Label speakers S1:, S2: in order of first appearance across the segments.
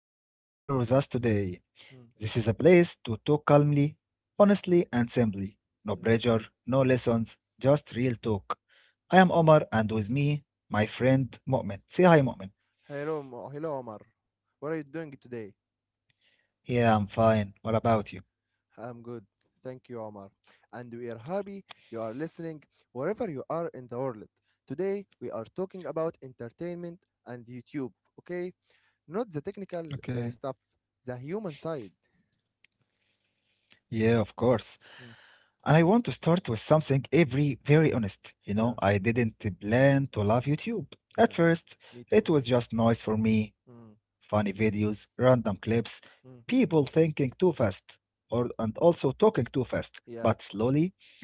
S1: being here with us today.
S2: Mm,
S1: This is a place to talk calmly, honestly, and simply. No
S2: yeah.
S1: pressure, no
S2: Mm.
S1: lessons, just real talk. I am Omar, and with me, my friend Mu'min. Say hi, Mu'min.
S2: Hello, hello, Omar. What are you doing today?
S1: Yeah, I'm fine. What about you?
S2: I'm good. Thank you, Omar. And we are happy you are listening wherever you are in the world. Today, we are talking about entertainment and YouTube, okay? Not the technical
S1: Okay.
S2: stuff, the human side.
S1: Yeah, of course.
S2: Mm,
S1: And I want to start with something every very honest. You know,
S2: yeah,
S1: I didn't plan to love YouTube. At
S2: yeah.
S1: first,
S2: Me too.
S1: it was just noise for me,
S2: Mm,
S1: funny videos, random clips,
S2: mm,
S1: people thinking too fast, or and also talking too fast.
S2: yeah.
S1: But slowly,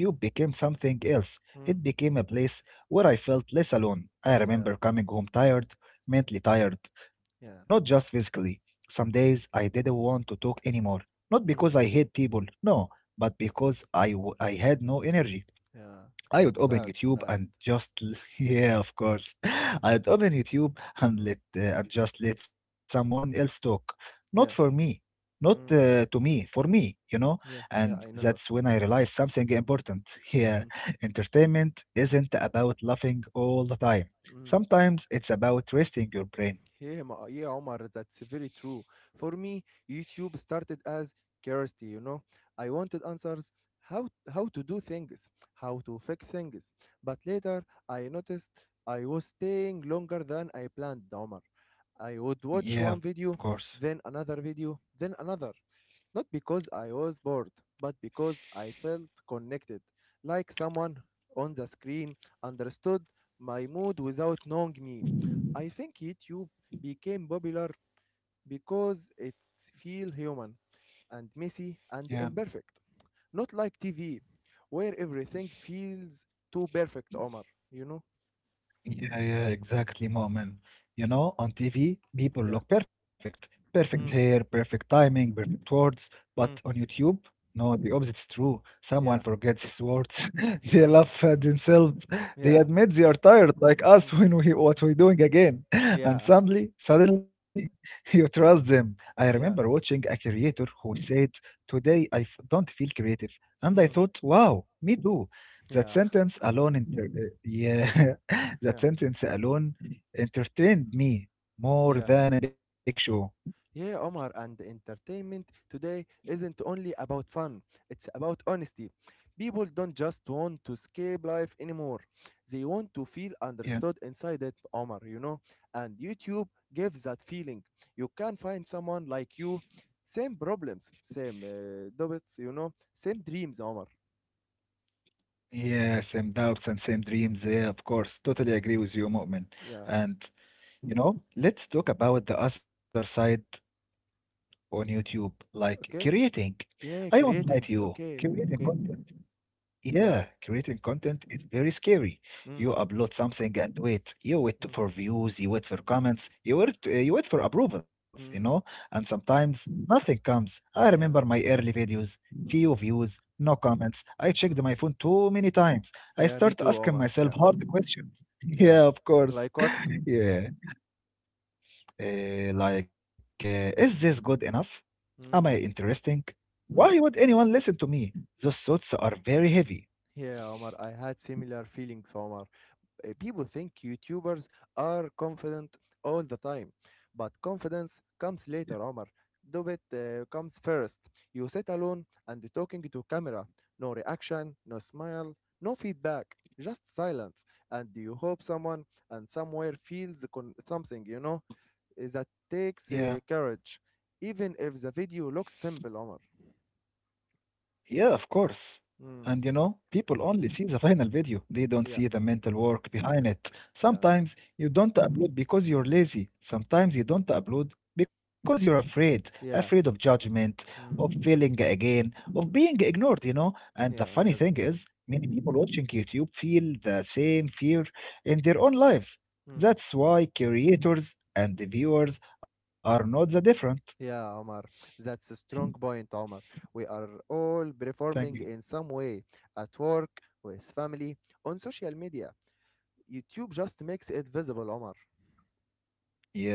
S1: YouTube became something else.
S2: Mm,
S1: It became a place where I felt less alone.
S2: yeah.
S1: I remember coming home tired, mentally tired,
S2: Yeah.
S1: not just physically. Some days I didn't want to talk anymore. Not
S2: Mm,
S1: because I hate people, no, but because I had no energy.
S2: yeah.
S1: I would
S2: That's
S1: open
S2: sad.
S1: YouTube
S2: Sad.
S1: and just yeah, of course,
S2: Mm,
S1: I'd open YouTube and
S2: mm,
S1: let uh, and just let someone else talk, not
S2: yeah.
S1: for me, not
S2: Mm,
S1: uh, to me, for me, you know.
S2: yeah. Yeah.
S1: And
S2: I know that.
S1: that's when I realized something important. Yeah,
S2: Mm,
S1: entertainment isn't about laughing all the time.
S2: mm.
S1: Sometimes it's about resting your brain.
S2: Yeah, yeah, Omar, that's very true. For me, YouTube started as curiosity. You know. I wanted answers how to do things, how to fix things. But later I noticed I was staying longer than I planned, Omar. I would watch
S1: Yeah,
S2: one
S1: of
S2: video,
S1: course.
S2: then another video, then another. Not because I was bored, but because I felt connected, like someone on the screen understood my mood without knowing me. I think YouTube became popular because it feels human and messy and
S1: Yeah.
S2: imperfect. Not like TV, where everything feels too perfect, Omar. You know?
S1: Yeah, yeah, exactly, Moment. You know, on TV, people
S2: Yeah.
S1: look perfect. Perfect
S2: Mm,
S1: hair, perfect timing, perfect words.
S2: mm,
S1: But on YouTube, no, the opposite is true.
S2: yeah.
S1: Someone forgets his words. They
S2: Mm,
S1: laugh at themselves. They
S2: yeah.
S1: admit they are tired, like
S2: Mm,
S1: us when we what we're doing again. And
S2: yeah.
S1: suddenly, you trust them. I
S2: Yeah.
S1: remember watching a creator who said, "Today don't feel creative," and I
S2: Mm,
S1: thought, "Wow, me too." That
S2: yeah.
S1: sentence alone, inter- yeah, That
S2: Yeah.
S1: sentence alone entertained me more
S2: Yeah.
S1: than a big show.
S2: Yeah, Omar, and entertainment today isn't only about fun, it's about honesty. People don't just want to escape life anymore, they want to feel
S1: Yeah.
S2: understood inside it, Omar, you know? And YouTube gives that feeling. You can find someone like you, same problems, same doubts, same dreams, Omar.
S1: Yeah, same doubts and same dreams. Yeah, of course. Totally agree with you, Mu'min.
S2: Yeah,
S1: And, you know, let's talk about the other side on YouTube, like
S2: okay?
S1: creating. I
S2: Yeah,
S1: won't lie to
S2: creating,
S1: you,
S2: okay,
S1: creating
S2: okay,
S1: content. Yeah,
S2: yeah.
S1: creating content is very scary.
S2: Mm,
S1: You upload something and wait. You wait
S2: mm,
S1: for views, you wait for comments, you wait for approvals, you know?
S2: mm,
S1: And sometimes nothing comes. I remember
S2: yeah,
S1: my early videos,
S2: mm,
S1: few views, no comments. I
S2: mm.
S1: checked my phone too many times. I
S2: Yeah, me
S1: start
S2: too,
S1: asking
S2: Omar,
S1: myself
S2: yeah.
S1: hard questions. Yeah,
S2: Yeah.
S1: of course.
S2: Like what?
S1: Yeah. Is this good enough? Am I
S2: Mm,
S1: interesting? Why
S2: mm.
S1: would anyone listen to me? Those thoughts are very heavy.
S2: Yeah, Omar, I had similar feelings, Omar. People think YouTubers are confident all the time, but confidence comes later, Omar. Do it comes first. You sit alone and talking to camera. No reaction, no smile, no feedback, just silence. And you hope someone and somewhere feels something, that takes
S1: Yeah.
S2: courage, even if the video looks simple, Omar.
S1: Yeah, of course. And you
S2: Mm,
S1: know, people only see the final video. They don't
S2: yeah.
S1: see the mental work behind it.
S2: Yeah,
S1: Sometimes you don't upload because you're lazy. Sometimes you don't upload because you're afraid, afraid of
S2: yeah,
S1: judgment, of
S2: mm,
S1: failing again, of being
S2: mm,
S1: ignored, you know. And the
S2: yeah,
S1: funny
S2: I know
S1: thing
S2: that.
S1: is, many people watching YouTube feel the same fear in their own lives.
S2: Mm,
S1: That's why creators and the viewers are not the different.
S2: yeah, Omar, that's a strong point, Omar. We are all
S1: Thank you.
S2: performing in some way at work, with family, on social media. YouTube just makes it visible, Omar.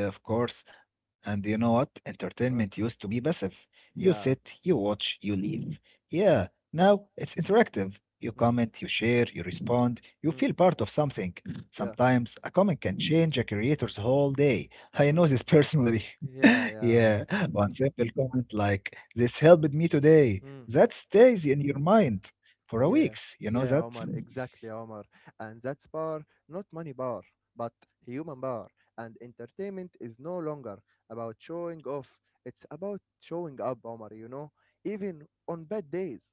S1: Yeah, of course. And you know what?
S2: What?
S1: Entertainment used to be passive. You
S2: Yeah,
S1: sit, you watch, you leave. Yeah, now it's interactive. You
S2: mm,
S1: comment, you share, you respond, you
S2: mm,
S1: feel part of something.
S2: yeah,
S1: Sometimes a comment can change a creator's whole day. I know
S2: mm,
S1: this personally.
S2: yeah, yeah,
S1: Yeah, one simple comment like, "This helped me today."
S2: Omar.
S1: That stays in your mind for a
S2: Yeah,
S1: weeks. You know
S2: yeah,
S1: that?
S2: Omar, exactly, Omar. And that's power, not money power, but human power. And entertainment is no longer about showing off, it's about showing up, Omar, you know, even on bad days.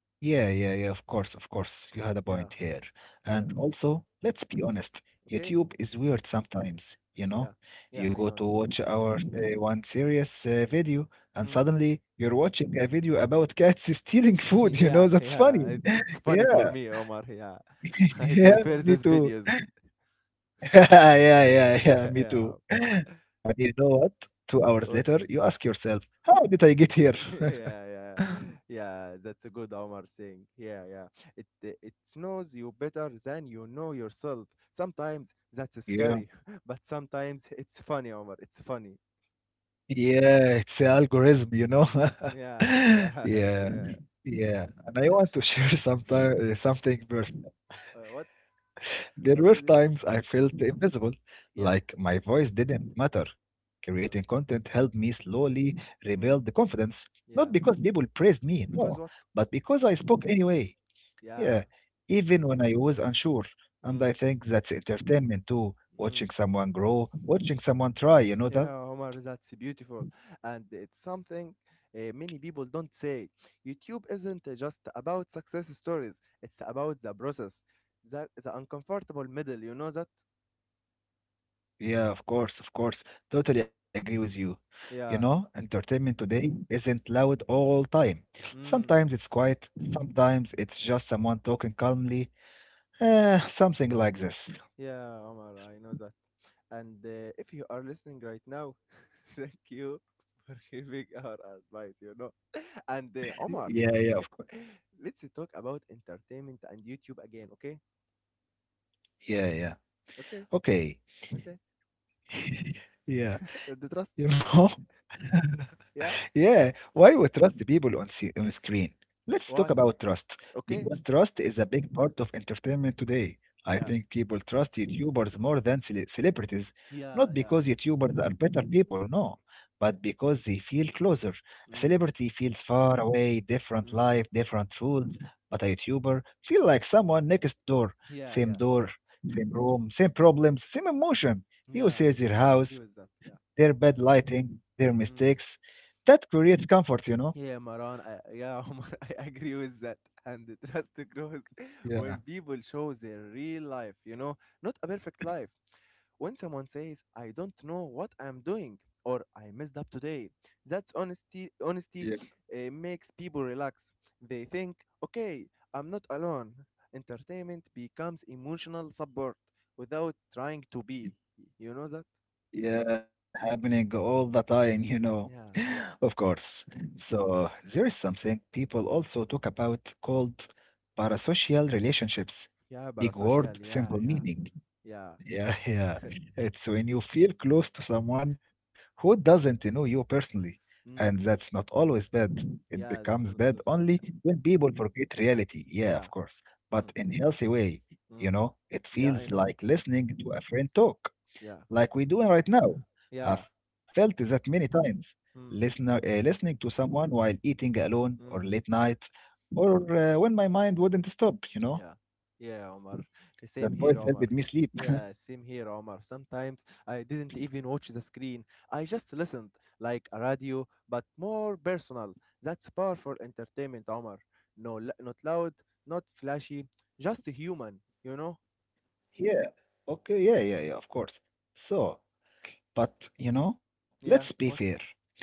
S1: Yeah, yeah, yeah, of course, of course. You had a
S2: Yeah,
S1: point here.
S2: yeah,
S1: And also, let's be honest,
S2: okay?
S1: YouTube is weird sometimes, you know?
S2: Yeah, yeah,
S1: You
S2: I
S1: go
S2: know
S1: to
S2: that.
S1: watch our one serious video, and
S2: Mm.
S1: suddenly you're watching a video about cats stealing food, you
S2: yeah,
S1: know? That's funny.
S2: yeah, it's, it's funny for
S1: Yeah,
S2: me, Omar. Yeah, I
S1: yeah,
S2: prefer
S1: me
S2: these
S1: too.
S2: videos.
S1: Yeah, yeah, yeah, me
S2: yeah,
S1: too. And you know what? Two hours later, you ask yourself, how did I get here?
S2: yeah, yeah, yeah. That's a good Omar saying. Yeah, yeah. It knows you better than you know yourself. Sometimes that's scary,
S1: Yeah.
S2: but sometimes it's funny, Omar. It's funny.
S1: Yeah, it's an algorithm, you know?
S2: Yeah, yeah,
S1: Yeah,
S2: yeah.
S1: yeah. And I want to something personal.
S2: What?
S1: There
S2: What
S1: were
S2: did? He...
S1: times I felt invisible,
S2: Yeah.
S1: like my voice didn't matter. Creating
S2: Um,
S1: content helped me slowly rebuild the
S2: mm,
S1: confidence, not because
S2: yeah.
S1: people praised me, no,
S2: Because what?
S1: but because I spoke anyway. Yeah,
S2: Yeah.
S1: even when I was unsure. And I
S2: Mm,
S1: think that's entertainment too, watching
S2: mm.
S1: someone grow, watching someone try, you know that?
S2: Yeah, Omar, that's beautiful. And it's something many people don't say. YouTube isn't just about success stories, it's about the process, the uncomfortable middle. You know that?
S1: Yeah, of course, of course. Totally agree with you. You know,
S2: Yeah.
S1: entertainment today isn't loud all the time.
S2: Mm.
S1: Sometimes it's quiet, sometimes it's just someone talking calmly,
S2: Yeah,
S1: something like this.
S2: yeah, Omar, I know that. And if you are listening right now, thank you for giving our advice. And Omar,
S1: Yeah, yeah, of course.
S2: let's talk about entertainment and YouTube again, okay?
S1: Yeah, yeah.
S2: Okay,
S1: Okay.
S2: okay.
S1: Yeah,
S2: The
S1: you
S2: trust.
S1: know.
S2: Yeah,
S1: Yeah, why we trust the people on screen? Let's talk
S2: why?
S1: about trust because
S2: Okay?
S1: trust is a big part of entertainment today. I
S2: Yeah,
S1: think people trust YouTubers more than celebrities,
S2: yeah,
S1: not
S2: yeah.
S1: because YouTubers are better people, no, but because they feel closer. A
S2: Mm,
S1: celebrity feels far away, different life,
S2: mm.
S1: different rules, but a YouTuber feel like someone next
S2: Yeah, yeah,
S1: door, same room, same problems, same emotion. He
S2: yeah.
S1: sees their
S2: I agree
S1: house,
S2: with that. Yeah.
S1: their bad lighting, their
S2: Mm.
S1: mistakes that creates comfort, you know?
S2: Yeah, Maran. I, yeah, Omar, I agree with that. And the trust grows when
S1: Yeah.
S2: people show their real life, you know, not a perfect life. When someone says, I don't know what I'm doing or I messed up today, that's honesty. Honesty
S1: Yeah.
S2: makes people relax. They think, okay, I'm not alone. Entertainment becomes emotional support without trying to be. You know that?
S1: Yeah, happening all the time, you know,
S2: Yeah, yeah,
S1: of course. So there is something people also talk about called parasocial relationships.
S2: yeah,
S1: Big
S2: parasocial.
S1: word,
S2: Yeah, yeah,
S1: simple meaning.
S2: yeah.
S1: Yeah, yeah. It's when you feel close to someone who doesn't know you personally.
S2: Mm.
S1: And that's not always bad. It
S2: Yeah, that's not
S1: becomes
S2: all is
S1: bad
S2: bad. Yeah.
S1: only when people forget reality. Yeah,
S2: Yeah.
S1: of course.
S2: Mm.
S1: But in healthy way, you
S2: Mm.
S1: know, it
S2: Yeah, I
S1: feels
S2: know.
S1: like listening to a friend talk,
S2: Yeah.
S1: like we doing right now. I've
S2: Yeah.
S1: felt that many times.
S2: Mm.
S1: Listening to someone while eating alone or late
S2: Mm.
S1: night, or when my mind wouldn't stop, you know,
S2: Yeah. Yeah, Omar.
S1: that
S2: Same here,
S1: voice
S2: Omar.
S1: helped me sleep.
S2: Yeah, same here, Omar. Sometimes I didn't even watch the screen. I just listened like a radio, but more personal. That's powerful entertainment, Omar. No, not loud, not flashy, just human, you know?
S1: Yeah. Okay. Yeah. Yeah. Yeah. Of course. So, but you know, let's be
S2: Yeah.
S1: fair.
S2: What?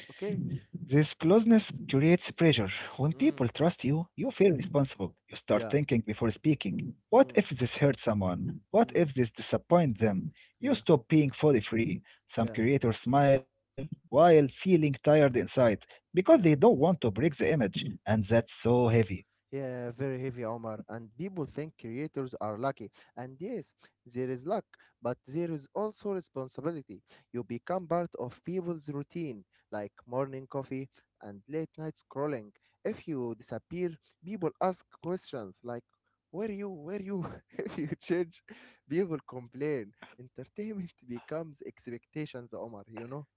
S2: Okay.
S1: This closeness creates pressure. When people
S2: Mm.
S1: trust you, you feel responsible. You start
S2: Yeah.
S1: thinking before speaking. What
S2: Mm.
S1: if this hurts someone? What if
S2: Mm.
S1: this disappoints them? You
S2: Yeah.
S1: stop being fully free.
S2: Yeah.
S1: Some creators smile while feeling tired inside because
S2: Yeah.
S1: they don't want to break the image, and that's so heavy.
S2: Yeah, very heavy, Omar. And people think creators are lucky. And yes, there is luck, but there is also responsibility. You become part of people's routine, like morning coffee and late night scrolling. If you disappear, people ask questions like, where you, where you? If you change, people complain. Entertainment becomes expectations, Omar, you know?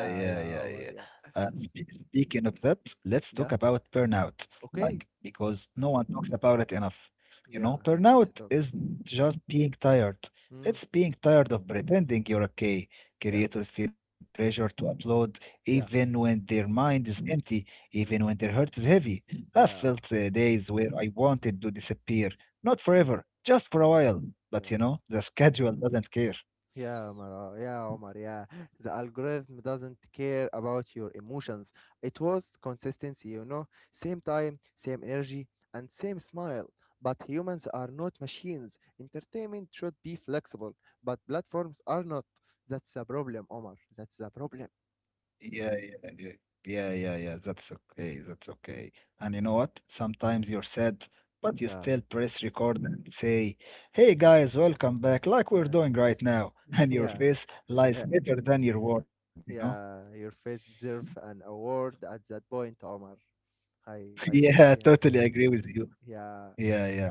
S1: uh, yeah,
S2: yeah,
S1: yeah,
S2: Omar,
S1: yeah.
S2: yeah.
S1: Speaking of that, let's
S2: Yeah,
S1: talk about burnout.
S2: okay.
S1: Like, because no one talks about it enough. You
S2: Yeah,
S1: know,
S2: let's
S1: burnout
S2: talk.
S1: is just being tired.
S2: Mm,
S1: It's being tired of pretending you're okay.
S2: yeah,
S1: Creators feel pressure to upload even
S2: yeah.
S1: when their mind is empty, even
S2: Yeah.
S1: when their heart is heavy. I've
S2: Yeah,
S1: felt uh, days where I wanted to disappear, not
S2: yeah,
S1: forever, just for a while. But,
S2: yeah,
S1: you know, the schedule doesn't care.
S2: yeah, Mara, yeah, Omar, yeah. The algorithm doesn't care about your emotions. It was consistency, you know, same time, same energy, and same smile. But humans are not machines. Entertainment should be flexible, but platforms are not. That's the problem, Omar. That's the problem.
S1: Yeah, yeah, yeah, yeah, yeah, yeah. That's okay. That's okay. And you know what?
S2: Y-
S1: Sometimes you're sad, but you
S2: Yeah,
S1: still press record and say, "Hey guys, welcome back," like we're
S2: yeah,
S1: doing
S2: it's,
S1: right now. And your
S2: yeah,
S1: face lies
S2: yeah,
S1: better than your word, you know?
S2: yeah. Your face deserves an award at that point, Omar. I
S1: Yeah,
S2: think, yeah,
S1: totally agree with you.
S2: yeah.
S1: Yeah, yeah.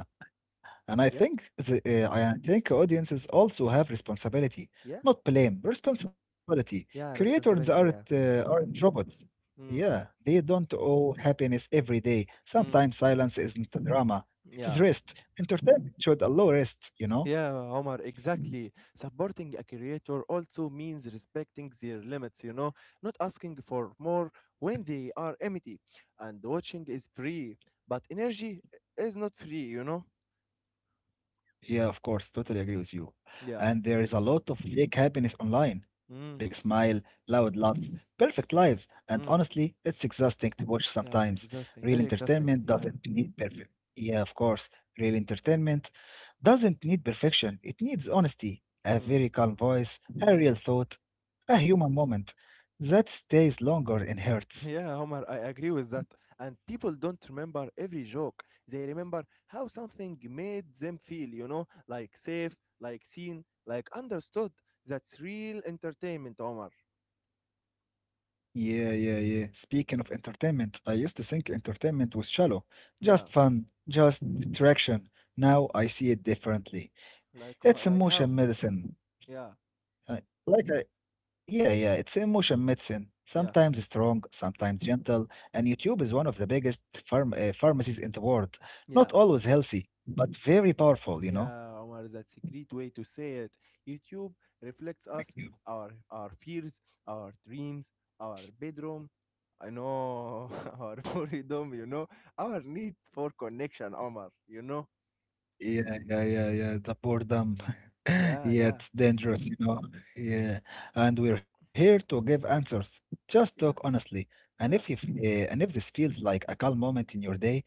S1: And I
S2: Yeah,
S1: think the, uh, I think audiences also have responsibility,
S2: yeah,
S1: not blame, responsibility.
S2: yeah,
S1: Creators
S2: responsibility,
S1: aren't
S2: yeah.
S1: uh, aren't robots.
S2: Mm,
S1: Yeah, they don't owe happiness every day.
S2: mm,
S1: Sometimes silence isn't drama; it's
S2: yeah,
S1: rest. Entertainment should allow rest, you know.
S2: yeah, Omar, exactly. Supporting a creator also means respecting their limits, you know, not asking for more when they are empty. And watching is free, but energy is not free, you know?
S1: Yeah, of course, totally agree with you.
S2: Yeah.
S1: And there is a lot of fake happiness online. Big
S2: Mm,
S1: smile, loud laughs, perfect lives. And
S2: mm,
S1: honestly, it's exhausting to watch
S2: yeah,
S1: sometimes.
S2: exhausting,
S1: Real
S2: very exhausting,
S1: entertainment
S2: yeah.
S1: doesn't need perfect. Yeah, of course. Real entertainment doesn't need perfection. It needs honesty, a
S2: Mm,
S1: very calm voice, a real
S2: mm.
S1: thought, a human moment that stays longer in hearts.
S2: Yeah, Omar, I agree with that. And people don't remember every joke. They remember how something made them feel, you know, like safe, like seen, like understood. That's real entertainment, Omar.
S1: Yeah, yeah, yeah. Speaking of entertainment, I used to think entertainment was shallow,
S2: Yeah,
S1: just fun, just distraction. Now I see it differently.
S2: like like
S1: It's
S2: how?
S1: emotion medicine.
S2: Yeah,
S1: Uh, like I, yeah, it's emotion medicine.
S2: yeah,
S1: Sometimes strong, sometimes gentle, and YouTube is one of the biggest pharmacies in the world.
S2: yeah,
S1: Not always healthy, but very powerful, you know?
S2: yeah, Omar, that's a great way to say it. YouTube reflects
S1: Like,
S2: us, our fears, our dreams, our bedroom. I know our boredom, you know, our need for connection, Omar.
S1: yeah, yeah, yeah, yeah. The boredom.
S2: Yeah,
S1: Yeah,
S2: yeah,
S1: it's dangerous, you know. Yeah. And we're here to give answers. Just talk
S2: yeah,
S1: honestly. And if
S2: yeah,
S1: you, f- uh, and if this feels like a calm moment in your day,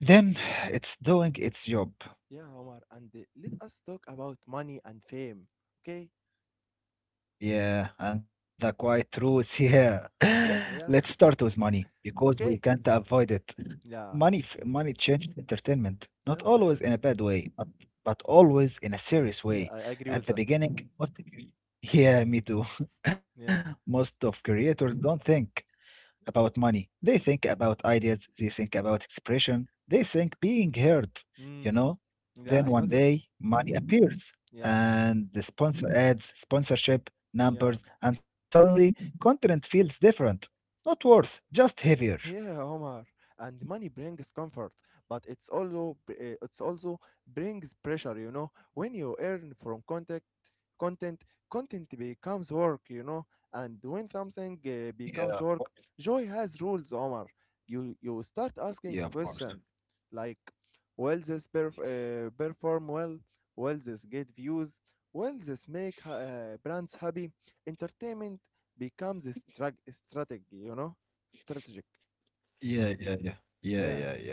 S1: then it's doing its job.
S2: yeah, Omar. And let us talk about money and fame. Okay?
S1: Yeah, and the quiet truth. Yeah,
S2: Yeah,
S1: let's
S2: yeah.
S1: start with money because we
S2: Okay.
S1: can't avoid it.
S2: Yeah,
S1: Money changes entertainment, not
S2: yeah. I
S1: always in a bad way, but always in a serious
S2: yeah,
S1: way.
S2: I agree
S1: At
S2: with
S1: the
S2: that.
S1: beginning, most of you, yeah, me too.
S2: Yeah.
S1: Most of creators don't think about money. They think about ideas. They think about expression. They think being heard, you
S2: Mm.
S1: know.
S2: Yeah,
S1: Then
S2: I know
S1: one
S2: that.
S1: day, money appears
S2: Yeah,
S1: and the sponsor ads, sponsorship,
S2: yeah.
S1: numbers, and suddenly content feels different. Not worse, just heavier.
S2: Yeah, Omar, and money brings comfort, but it's also it's also brings pressure. When you earn from content, content, content becomes work. And when something
S1: Yeah, of
S2: becomes work, joy has rules, Omar. You start
S1: yeah, of
S2: asking
S1: course.
S2: question like, will this perform well? Will this get views? Will this make brands happy? Entertainment becomes a strategy, you know, strategic.
S1: Yeah, yeah, yeah, yeah, yeah,
S2: Yeah.
S1: yeah.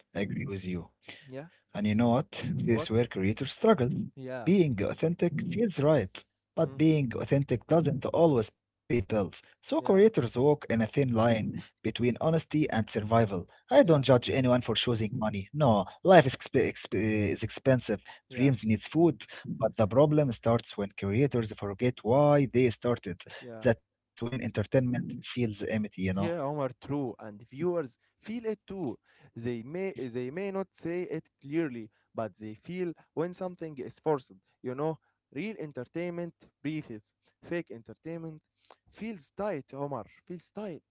S1: I agree with you.
S2: Yeah.
S1: And you know what? This is
S2: What?
S1: where creators struggle.
S2: Yeah.
S1: Being authentic feels right, but
S2: Mm.
S1: being authentic doesn't always pay bills. So creators
S2: Yeah.
S1: walk in a thin line between honesty and survival. I don't
S2: Yeah.
S1: judge anyone for choosing money. No, life is, exp- exp- is expensive.
S2: Yeah.
S1: Dreams needs food, but the problem starts when creators forget why they started.
S2: Yeah.
S1: That's when entertainment feels empty, you know?
S2: Yeah, Omar, true. And viewers feel it too. They may not say it clearly, but they feel when something is forced. You know, real entertainment breathes. Fake entertainment feels tight, Omar. Feels tight.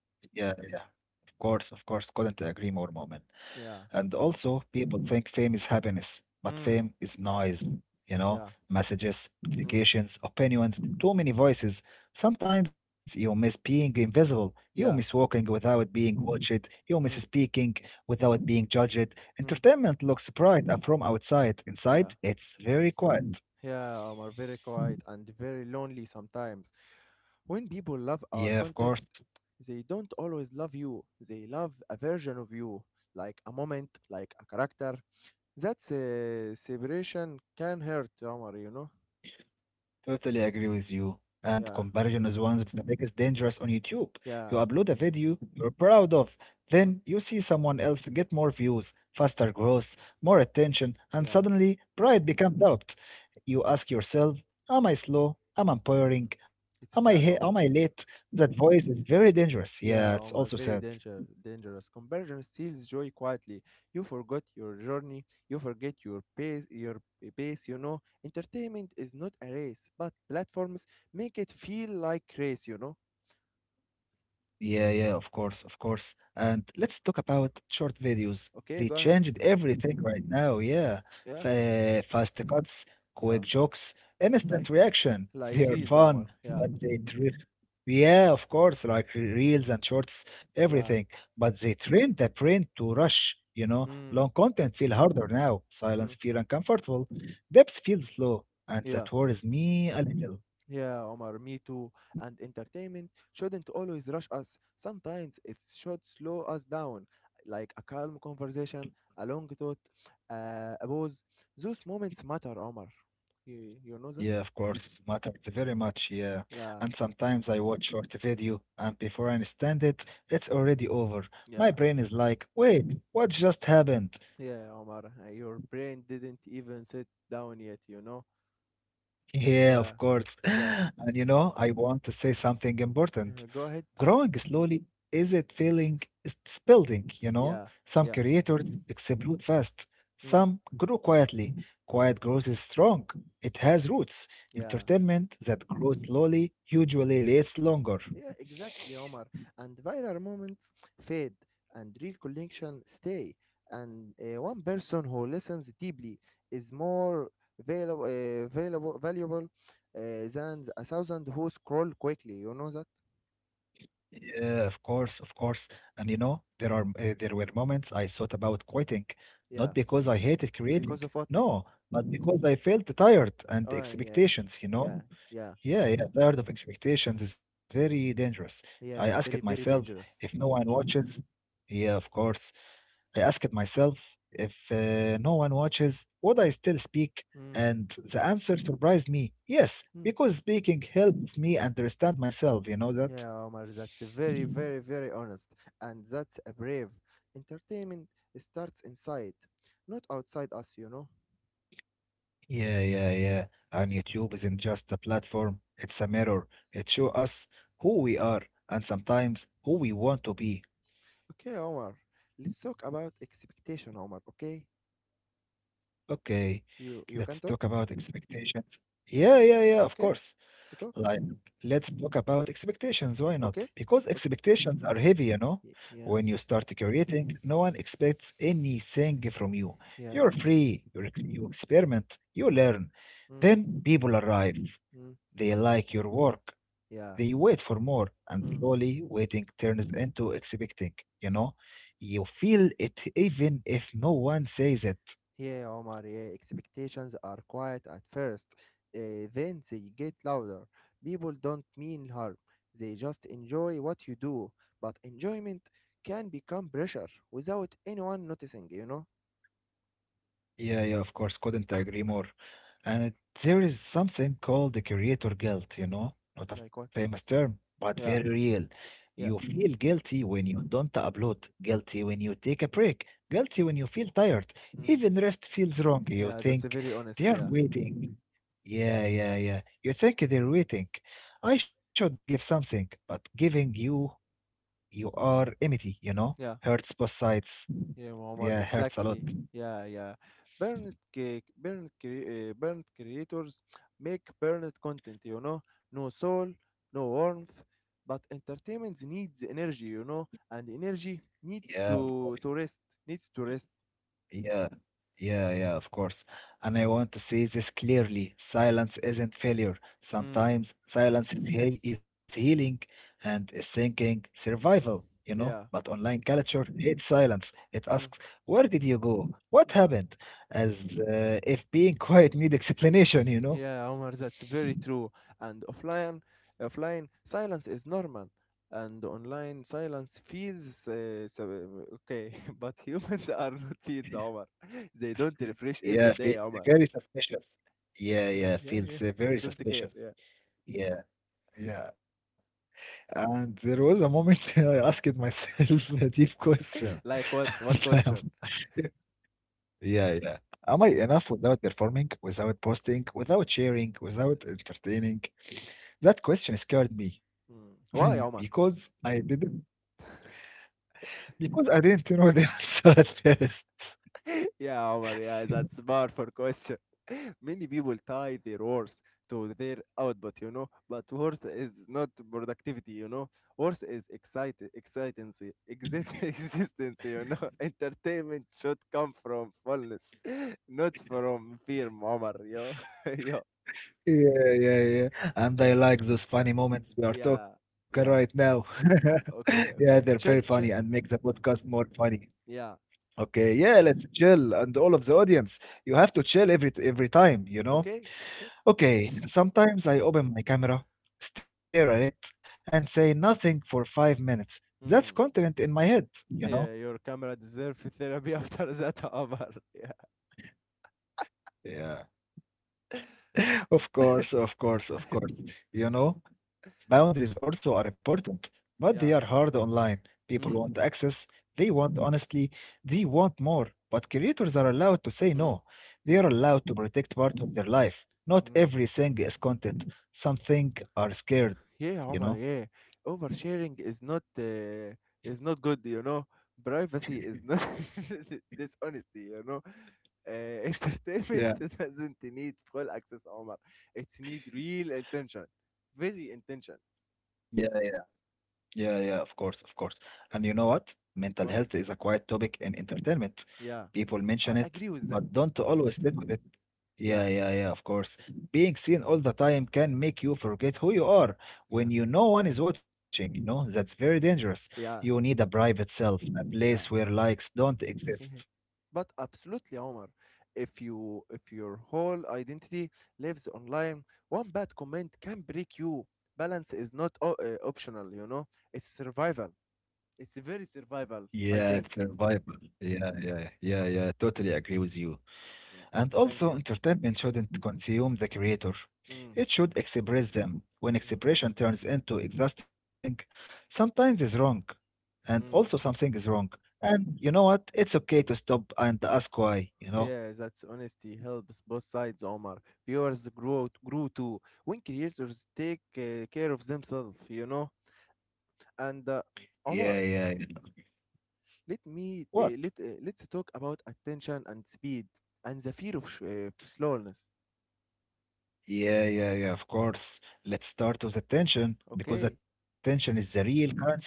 S1: Yeah, yeah. Of course, of course. Couldn't agree more, Moment.
S2: Yeah.
S1: And also, people think fame is happiness, but
S2: Mm.
S1: fame is noise, you know,
S2: Yeah.
S1: messages,
S2: Mm.
S1: notifications, opinions, too many voices. Sometimes you miss being invisible, you miss
S2: Yeah.
S1: walking without being watched, you miss
S2: Mm.
S1: speaking without being judged.
S2: Mm.
S1: Entertainment looks bright from outside,
S2: Yeah.
S1: inside, it's very quiet.
S2: Yeah, Omar, very quiet and very lonely sometimes. When people love
S1: Yeah, of
S2: our
S1: course.
S2: content, they don't always love you. They love a version of you, like a moment, like a character. That's a separation can hurt, Omar, you know?
S1: Totally agree with you. And
S2: Yeah,
S1: comparison is one of the biggest dangers on YouTube. You
S2: yeah,
S1: upload a video you're proud of,
S2: mm,
S1: then you see someone else get more views, faster growth, more attention, and
S2: yeah,
S1: suddenly pride becomes doubt. You ask yourself, am I slow? Am I
S2: mm.
S1: boring?
S2: It's sad, Omar.
S1: Am I late? That voice is very dangerous.
S2: Yeah,
S1: Yeah, it's
S2: Omar,
S1: also
S2: very
S1: sad.
S2: dangerous conversion steals joy quietly. You forgot your journey. You forget your pace. You know entertainment is not a race, but platforms make it feel like race. You know
S1: Yeah, yeah, of course, of course. And let's talk about short videos.
S2: okay,
S1: They
S2: go ahead.
S1: changed everything right now. Yeah.
S2: Yeah,
S1: Fast cuts,
S2: yeah,
S1: quick jokes,
S2: like
S1: instant reaction.
S2: like
S1: They are
S2: reels, Omar.
S1: fun,
S2: Yeah,
S1: but they trip. Yeah, of course, like reels and shorts,
S2: yeah,
S1: everything. But they train the brain to rush. You know,
S2: mm,
S1: long content feel harder now.
S2: mm,
S1: Silence feel uncomfortable. Depth feels slow, and
S2: yeah,
S1: that worries me a little.
S2: yeah, Omar. Me too. And entertainment shouldn't always rush us. Sometimes it should slow us down, like a calm conversation, a long thought, a pause. Those moments matter, Omar. You know that?
S1: Yeah, of course, matters very much. Yeah,
S2: Yeah,
S1: and sometimes I watch short video, and before I understand it, it's already over.
S2: yeah,
S1: My brain is like, "Wait, what just happened?"
S2: yeah, Omar. Your brain didn't even sit down yet. You know?
S1: Yeah, of
S2: Yeah,
S1: course.
S2: yeah.
S1: And you know, I want to say something important,
S2: Go ahead.
S1: growing slowly is it feeling it's building, you know.
S2: Yeah,
S1: Some
S2: yeah.
S1: creators explode fast,
S2: Mm,
S1: some grow quietly.
S2: mm,
S1: Quiet growth is strong, it has roots.
S2: yeah.
S1: Entertainment that grows slowly usually lasts longer.
S2: Yeah, exactly, Omar. And viral moments fade, and real connection stay. And one person who listens deeply is more valuable than a thousand who scroll quickly. You know that?
S1: Yeah, of course, of course. And you know, there were moments I thought about quitting, not
S2: Yeah.
S1: because I hated creating,
S2: Because of what?
S1: no, but because I felt tired and
S2: Oh, yeah,
S1: expectations, you
S2: yeah,
S1: know.
S2: yeah,
S1: Yeah, yeah, tired of expectations is very dangerous. I asked
S2: yeah. Very,
S1: myself
S2: very
S1: if no
S2: dangerous.
S1: one watches. Yeah, of course. I asked myself if no one watches, would I still speak?
S2: Mm.
S1: And the answer surprised me. Yes,
S2: Mm.
S1: because speaking helps me understand myself, you know that?
S2: Yeah, Omar. That's a very, very, very honest, and that's a brave. Entertainment starts inside, not outside us. You know.
S1: Yeah, yeah, yeah. And YouTube isn't just a platform, it's a mirror. It shows us who we are and sometimes who we want to be.
S2: Okay, Omar. Let's talk about expectation, Omar. Okay,
S1: Okay,
S2: you can
S1: let's talk
S2: talk.
S1: about expectations. Yeah, yeah, yeah, of
S2: Okay,
S1: course.
S2: you talk.
S1: Like, let's talk about expectations. Why
S2: Okay,
S1: not? Because
S2: okay.
S1: expectations are heavy, you know?
S2: Yeah,
S1: When you start creating, no one expects anything from you. You're
S2: yeah.
S1: free, you you experiment, you
S2: Mm,
S1: learn.
S2: mm,
S1: Then people arrive.
S2: mm.
S1: They like your work. They
S2: Yeah,
S1: wait for more, and
S2: mm.
S1: slowly waiting turns into expecting, you know? You feel it even if no one says it.
S2: Yeah, Omar. Yeah, expectations are quiet at first. Then they get louder. People don't mean harm. They just enjoy what you do. But enjoyment can become pressure without anyone noticing. You know,
S1: Yeah, yeah, of course, couldn't agree more. And there is something called the creator guilt, you know, not a
S2: like what?
S1: famous term, but very
S2: Yeah,
S1: real. You
S2: yeah.
S1: feel guilty when you don't upload, guilty when you take a break, guilty
S2: Mm,
S1: when you feel tired.
S2: mm.
S1: Even rest feels wrong. You
S2: Yeah, that's a
S1: think
S2: very honest.
S1: they're
S2: Yeah,
S1: waiting. Yeah, yeah, yeah. You think they're waiting. I should give something, but giving you, you are empty, you know?
S2: yeah.
S1: Hurts both sides.
S2: Yeah,
S1: Yeah,
S2: Omar,
S1: hurts a lot.
S2: exactly. Yeah, yeah. Burnet cake, burnet, burnet creators make burnet content. No soul, no warmth, but entertainment needs energy, you know, and energy
S1: Yeah,
S2: needs
S1: of course.
S2: to rest, needs to rest.
S1: Yeah, yeah, yeah, of course. And I want to say this clearly. Silence isn't failure.
S2: Mm.
S1: Sometimes silence is, heal is healing and is thinking survival, you know? But
S2: Yeah.
S1: online culture hates silence. It asks,
S2: Mm.
S1: where did you go? What
S2: Yeah.
S1: happened? As if being quiet need explanation, you know?
S2: Yeah, Omar, that's very true. And offline silence is normal, and online silence feels okay. But humans are not feeds, Omar. They don't refresh every
S1: Yeah,
S2: day,
S1: feels
S2: Omar.
S1: very suspicious. Yeah,
S2: yeah,
S1: yeah,
S2: yeah.
S1: feels
S2: Don't
S1: very
S2: care. Yeah.
S1: suspicious. Yeah, yeah. And there was a moment I asked myself a deep question.
S2: Like what? What
S1: And I
S2: question?
S1: am- yeah, yeah. Am I enough without performing, without posting, without sharing, without entertaining? That question scared me
S2: Mm. Why, Omar?
S1: because I didn't because I didn't know the answer at first.
S2: Yeah, Omar, yeah, that's bar for question. Many people tie their worth to their output, but worth is not productivity. Worth is excite excitancy, exist existence. Entertainment should come from fullness, not from fear, Omar, yo. Yo,
S1: Yeah, yeah, yeah. And I like those funny moments we are
S2: yeah,
S1: talking
S2: yeah.
S1: right now.
S2: Okay,
S1: Yeah,
S2: okay.
S1: they're very
S2: Chill, chill.
S1: funny and make the podcast more funny.
S2: Yeah,
S1: Okay, yeah, let's chill, and all of the audience, you have to chill every time, you know.
S2: okay, okay.
S1: Okay, sometimes I open my camera, stare at it, and say nothing for 5 minutes. That's
S2: Mm.
S1: content in my head, you know.
S2: Yeah, your camera deserves therapy after that, Omar. Yeah,
S1: Yeah. Of course, of course, of course. You know, boundaries also are important, but they are
S2: yeah.
S1: hard online. People want
S2: Mm.
S1: access, they want honestly, they want more. But creators are allowed to say
S2: Mm.
S1: no. They are
S2: Yeah.
S1: allowed to protect part of their life. Not
S2: Mm.
S1: everything is content. Some things are scared, you
S2: Yeah,
S1: know?
S2: Omar, yeah. Oversharing is not good. Privacy is not dishonesty. Entertainment
S1: Yeah,
S2: doesn't need full access, Omar. It need real intention, very intention.
S1: yeah, yeah. Yeah, yeah, of course, of course. And you know what? Mental health
S2: What?
S1: is a quiet topic in entertainment.
S2: Yeah,
S1: People mention
S2: I
S1: it,
S2: agree with
S1: but
S2: that.
S1: don't always sit with it. Yeah,
S2: Yeah,
S1: yeah, yeah, of course. Being seen all the time can make you forget who you are
S2: yeah,
S1: when you no one is watching, you know? That's very dangerous. You
S2: yeah,
S1: need a private self, a place
S2: yeah.
S1: where likes don't exist.
S2: But absolutely, Omar, if your whole identity lives online, one bad comment can break you. Balance is not optional. It's survival. It's very survival,
S1: Yeah,
S2: I think.
S1: survival. Yeah, yeah, yeah, yeah. Totally agree with you.
S2: Yeah.
S1: And
S2: Thank
S1: also,
S2: you.
S1: entertainment shouldn't consume the creator.
S2: Mm.
S1: It should express them. When
S2: Mm.
S1: expression turns into exhausting, sometimes is wrong. And also
S2: Mm.
S1: something is wrong. And you know what? It's okay to stop and ask why, you know?
S2: Yeah, that's honesty helps both sides, Omar. Viewers grow grew too when creators take care of themselves. And
S1: Yeah,
S2: Omar.
S1: yeah, yeah.
S2: Let me
S1: What?
S2: let let's talk about attention and speed and the fear of slowness.
S1: Yeah, yeah, yeah, of course. Let's start with attention because
S2: Okay,
S1: attention is the real currency now.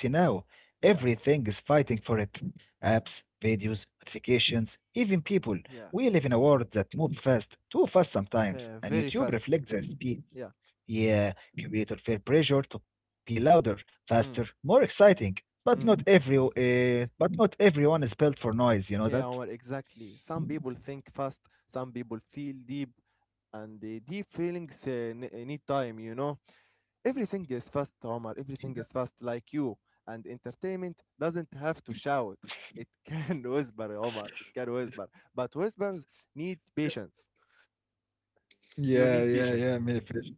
S2: yeah,
S1: Everything is fighting for it. Apps, videos, notifications, even people.
S2: yeah,
S1: We live in a world that moves fast, too fast sometimes, and
S2: Very
S1: YouTube
S2: fast.
S1: reflects that speed.
S2: Yeah,
S1: Yeah, creators feel pressure to be louder, faster,
S2: mm,
S1: more exciting. But
S2: mm.
S1: not everyone is built for noise. You know
S2: Yeah,
S1: that.
S2: Omar, exactly. Some people think fast, some people feel deep, and the deep feelings need time. You know, everything is fast, Omar. Everything is fast, like you. And entertainment doesn't have to shout. It can whisper, Omar. It can whisper, but whispers need patience. You
S1: Yeah,
S2: need
S1: yeah,
S2: patience.
S1: yeah, me fish.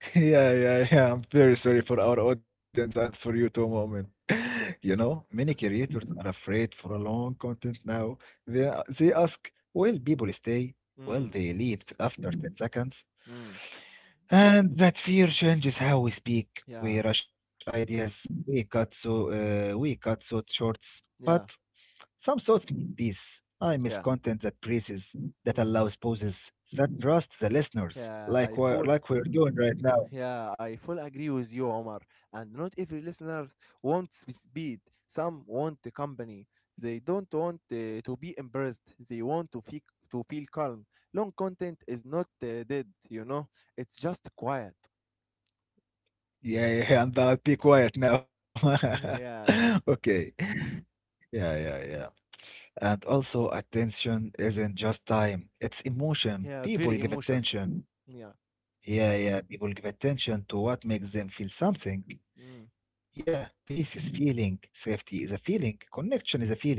S1: Yeah, yeah, yeah. I'm very sorry for our audience and for you too, moment. You
S2: Okay.
S1: know, many creators are afraid for a long content now. They they ask, will people stay? Will
S2: Mm.
S1: they leave after 10 seconds?
S2: Mm.
S1: And that fear changes how we speak. We
S2: Yeah.
S1: rush ideas. We cut so shorts. But
S2: Yeah.
S1: some souls need peace. I miss
S2: Yeah.
S1: content that praises, that
S2: Mm.
S1: allows pauses, that trusts the listeners,
S2: Yeah. I full.
S1: like we're doing right now.
S2: Yeah. I full agree with you, Omar. And not every listener wants speed. Some want the company. They don't want to be embarrassed. They want to feel calm. Long content is not dead. You know. It's just quiet.
S1: Yeah, yeah, and I'll be quiet now.
S2: Yeah. Yeah.
S1: Okay. Yeah, yeah, yeah. And also, attention isn't just time, it's emotion.
S2: Yeah.
S1: People
S2: Very
S1: give
S2: emotion.
S1: attention.
S2: Yeah.
S1: Yeah, yeah, people give attention to what
S2: Yeah.
S1: makes them feel something.
S2: Mm.
S1: Yeah, peace is feeling, safety is a feeling, connection is a feeling,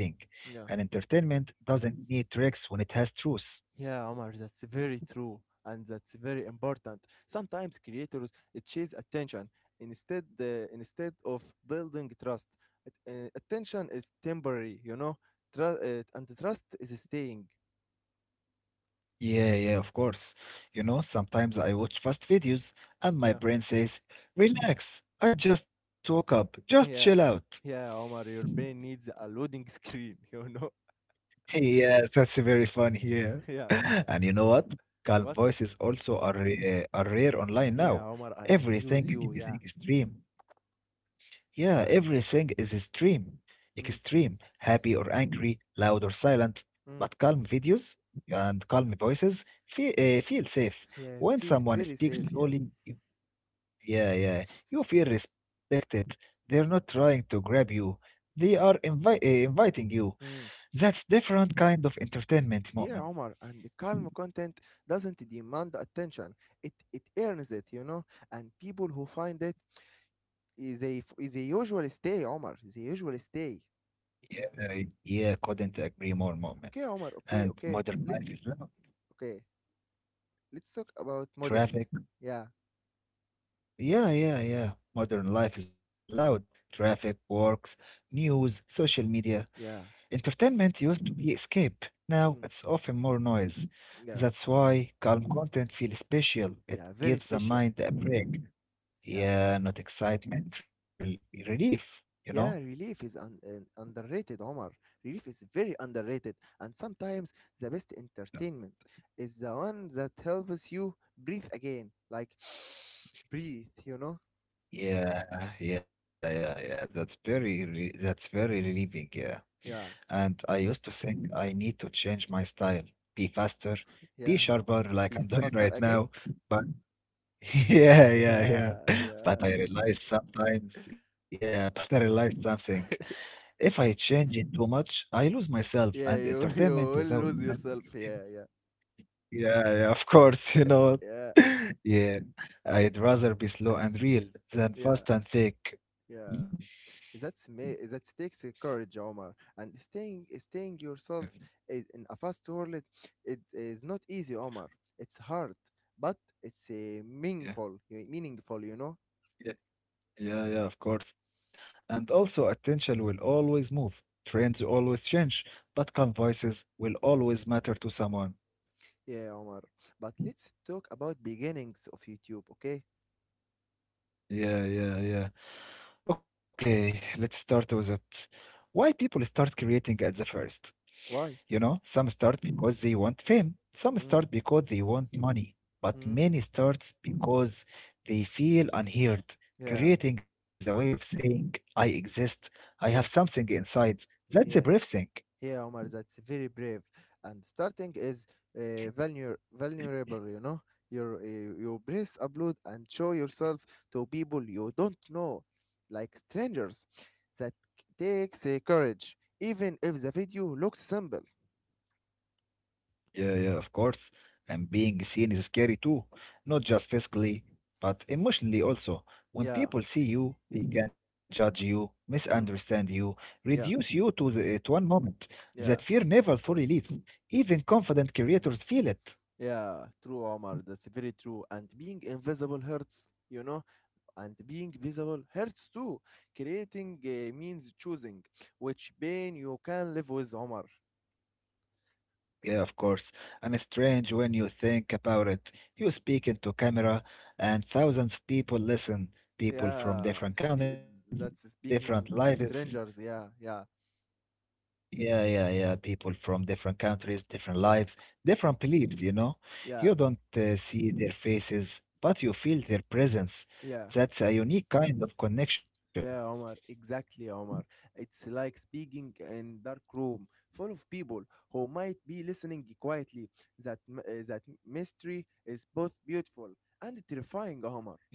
S1: and
S2: Yeah.
S1: entertainment doesn't need tricks when it has truth.
S2: Yeah, Omar, that's very true, and that's very important. Sometimes creators chase attention instead uh, instead of building trust. Attention is temporary, and the trust is staying.
S1: Yeah, yeah, of course. You know, sometimes I watch fast videos and my
S2: Yeah,
S1: brain says, relax, I just woke up, just chill
S2: yeah,
S1: out.
S2: yeah, Omar, your brain needs a loading screen, you know.
S1: Yeah, that's very funny. Yeah.
S2: Yeah, yeah.
S1: And you know what? Calm
S2: What?
S1: voices also are rare online
S2: Yeah,
S1: now.
S2: Omar, I agree with
S1: Everything
S2: you.
S1: is
S2: Yeah,
S1: extreme. Yeah,
S2: yeah.
S1: everything is extreme.
S2: Mm,
S1: Extreme, happy or angry, loud or silent. But
S2: mm.
S1: calm videos and calm voices feel safe.
S2: Yeah,
S1: When
S2: feel
S1: someone
S2: very
S1: speaks
S2: safe. Yeah.
S1: slowly, yeah, yeah, you feel respected. They're not trying to grab you. They are inviting you.
S2: Mm.
S1: That's different kind of entertainment,
S2: Yeah,
S1: moment.
S2: Omar, and the calm content doesn't demand attention. It earns it. And people who find it, they usually stay, Omar. They usually stay.
S1: Yeah, yeah, couldn't agree more, moment.
S2: Okay, Omar.
S1: And
S2: Okay, okay.
S1: modern
S2: Let,
S1: life
S2: l-
S1: is loud.
S2: okay. Let's talk about modern.
S1: Traffic.
S2: Yeah,
S1: Yeah, yeah, yeah. Modern life is loud. Traffic, works, news, social media.
S2: yeah,
S1: Entertainment used to be escape. Now
S2: mm,
S1: it's often more noise.
S2: yeah,
S1: That's why calm content feels special. It
S2: yeah. Very
S1: gives the
S2: special.
S1: mind a break.
S2: Yeah,
S1: Yeah, not excitement, relief, you know?
S2: yeah. Relief is underrated, Omar. Relief is very underrated, and sometimes the best entertainment is the one that helps you breathe again. Like breathe, you know?
S1: Yeah, yeah, yeah, yeah. That's very relieving. Yeah.
S2: Yeah,
S1: And I used to think I need to change my style, be faster, be
S2: yeah.
S1: sharper, like
S2: Please
S1: I'm doing
S2: faster
S1: right
S2: again.
S1: now. But yeah, yeah, yeah.
S2: Yeah,
S1: But
S2: yeah,
S1: I realized sometimes, yeah, but I realized something. If I change it too much, I lose myself and
S2: yeah. You you
S1: entertainment
S2: will
S1: without
S2: lose
S1: self.
S2: yourself. Yeah, yeah,
S1: Yeah, yeah, of course, you know what?
S2: yeah,
S1: Yeah, I'd rather be slow and real than
S2: yeah,
S1: fast and fake.
S2: yeah. That's me. That takes a courage, Omar. And staying
S1: Yeah,
S2: yourself in a fast world, it is not easy, Omar. It's hard, but it's
S1: yeah,
S2: meaningful. Meaningful.
S1: yeah, yeah, yeah, of course. And also, attention will always move, trends always change, but calm voices will always matter to someone.
S2: Yeah, Omar. But let's talk about beginnings of YouTube, okay?
S1: Yeah, yeah, yeah. Okay, let's start with it. Why people start creating at the first?
S2: Why?
S1: You know, some start because they want fame, some
S2: Mm,
S1: start because they want money, but
S2: mm,
S1: many starts because they feel unheard.
S2: yeah,
S1: Creating is a way of saying, I exist, I have
S2: yeah.
S1: something inside. That's a brave
S2: Yeah,
S1: thing.
S2: yeah, Omar, that's very brave. And starting is vulner- vulnerable, you know. Your brace upload and show yourself to people you don't know, like strangers. That takes courage, even if the video looks simple.
S1: Yeah, yeah, of course. And being seen is scary too, not just physically, but emotionally also. When
S2: Yeah,
S1: people see you, they can judge you, misunderstand
S2: mm,
S1: you, reduce
S2: yeah,
S1: you to one moment. That fear
S2: yeah,
S1: never fully leaves. Even confident creators feel it.
S2: yeah. True, Omar. That's very true. And being invisible hurts. And being visible hurts too. Creating means choosing which pain you can live with, Omar.
S1: Yeah, of course. And it's strange when you think about it. You speak into camera, and thousands of people listen. People from
S2: Yeah,
S1: different
S2: spe
S1: countries,
S2: that's
S1: different
S2: speaking to
S1: lives.
S2: strangers. Yeah, yeah,
S1: Yeah, yeah, yeah. People from different countries, different
S2: yeah,
S1: lives, different beliefs, you know.
S2: yeah,
S1: You don't see their faces, but you feel their presence.
S2: yeah,
S1: That's a unique kind of connection.
S2: yeah, Omar. Exactly, Omar. It's like speaking in dark room full of people who might be listening quietly. That mystery is both beautiful and terrifying, Omar.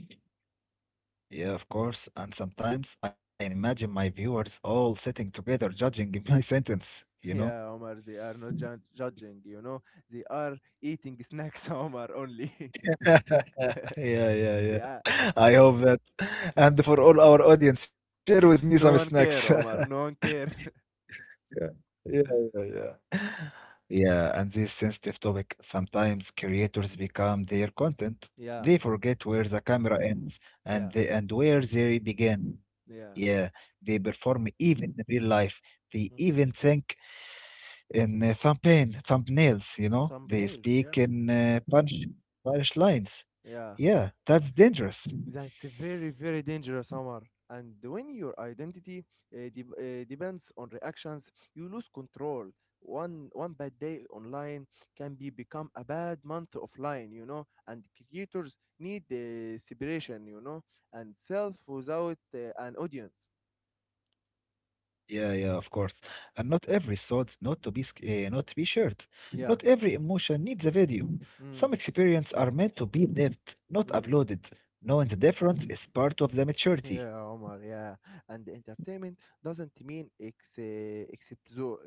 S1: Yeah, of course. And sometimes I imagine my viewers all sitting together judging my sentence, you know?
S2: Yeah, Omar. They are not judging. You know, they are eating snacks, Omar. Only.
S1: Yeah, yeah, yeah.
S2: Yeah.
S1: I hope that. And for all our audience, share with me some
S2: No
S1: snacks.
S2: one care, Omar. No one care.
S1: Yeah, yeah, yeah, yeah. Yeah, and this sensitive topic, sometimes creators become their content.
S2: Yeah,
S1: They forget where the camera ends and
S2: yeah,
S1: they, and where they begin. Yeah,
S2: yeah.
S1: they perform even in real life. They even think in thumbnail,
S2: Th-
S1: thumbnails, they
S2: thumbnails,
S1: speak
S2: yeah.
S1: in punch lines.
S2: Yeah.
S1: Yeah, that's dangerous.
S2: That's very, very dangerous, Omar. And when your identity de depends on reactions, you lose control. One bad day online can be become a bad month offline. And creators need the separation, and self without an audience.
S1: Yeah, yeah, of course. And not every thought, not to be shared. Not
S2: Yeah.
S1: every emotion needs a video.
S2: Mm,
S1: Some experiences are meant to be lived, not
S2: mm.
S1: uploaded. Knowing the difference is part of the maturity.
S2: Yeah, Omar. Yeah. And entertainment doesn't mean ex- uh, exposure,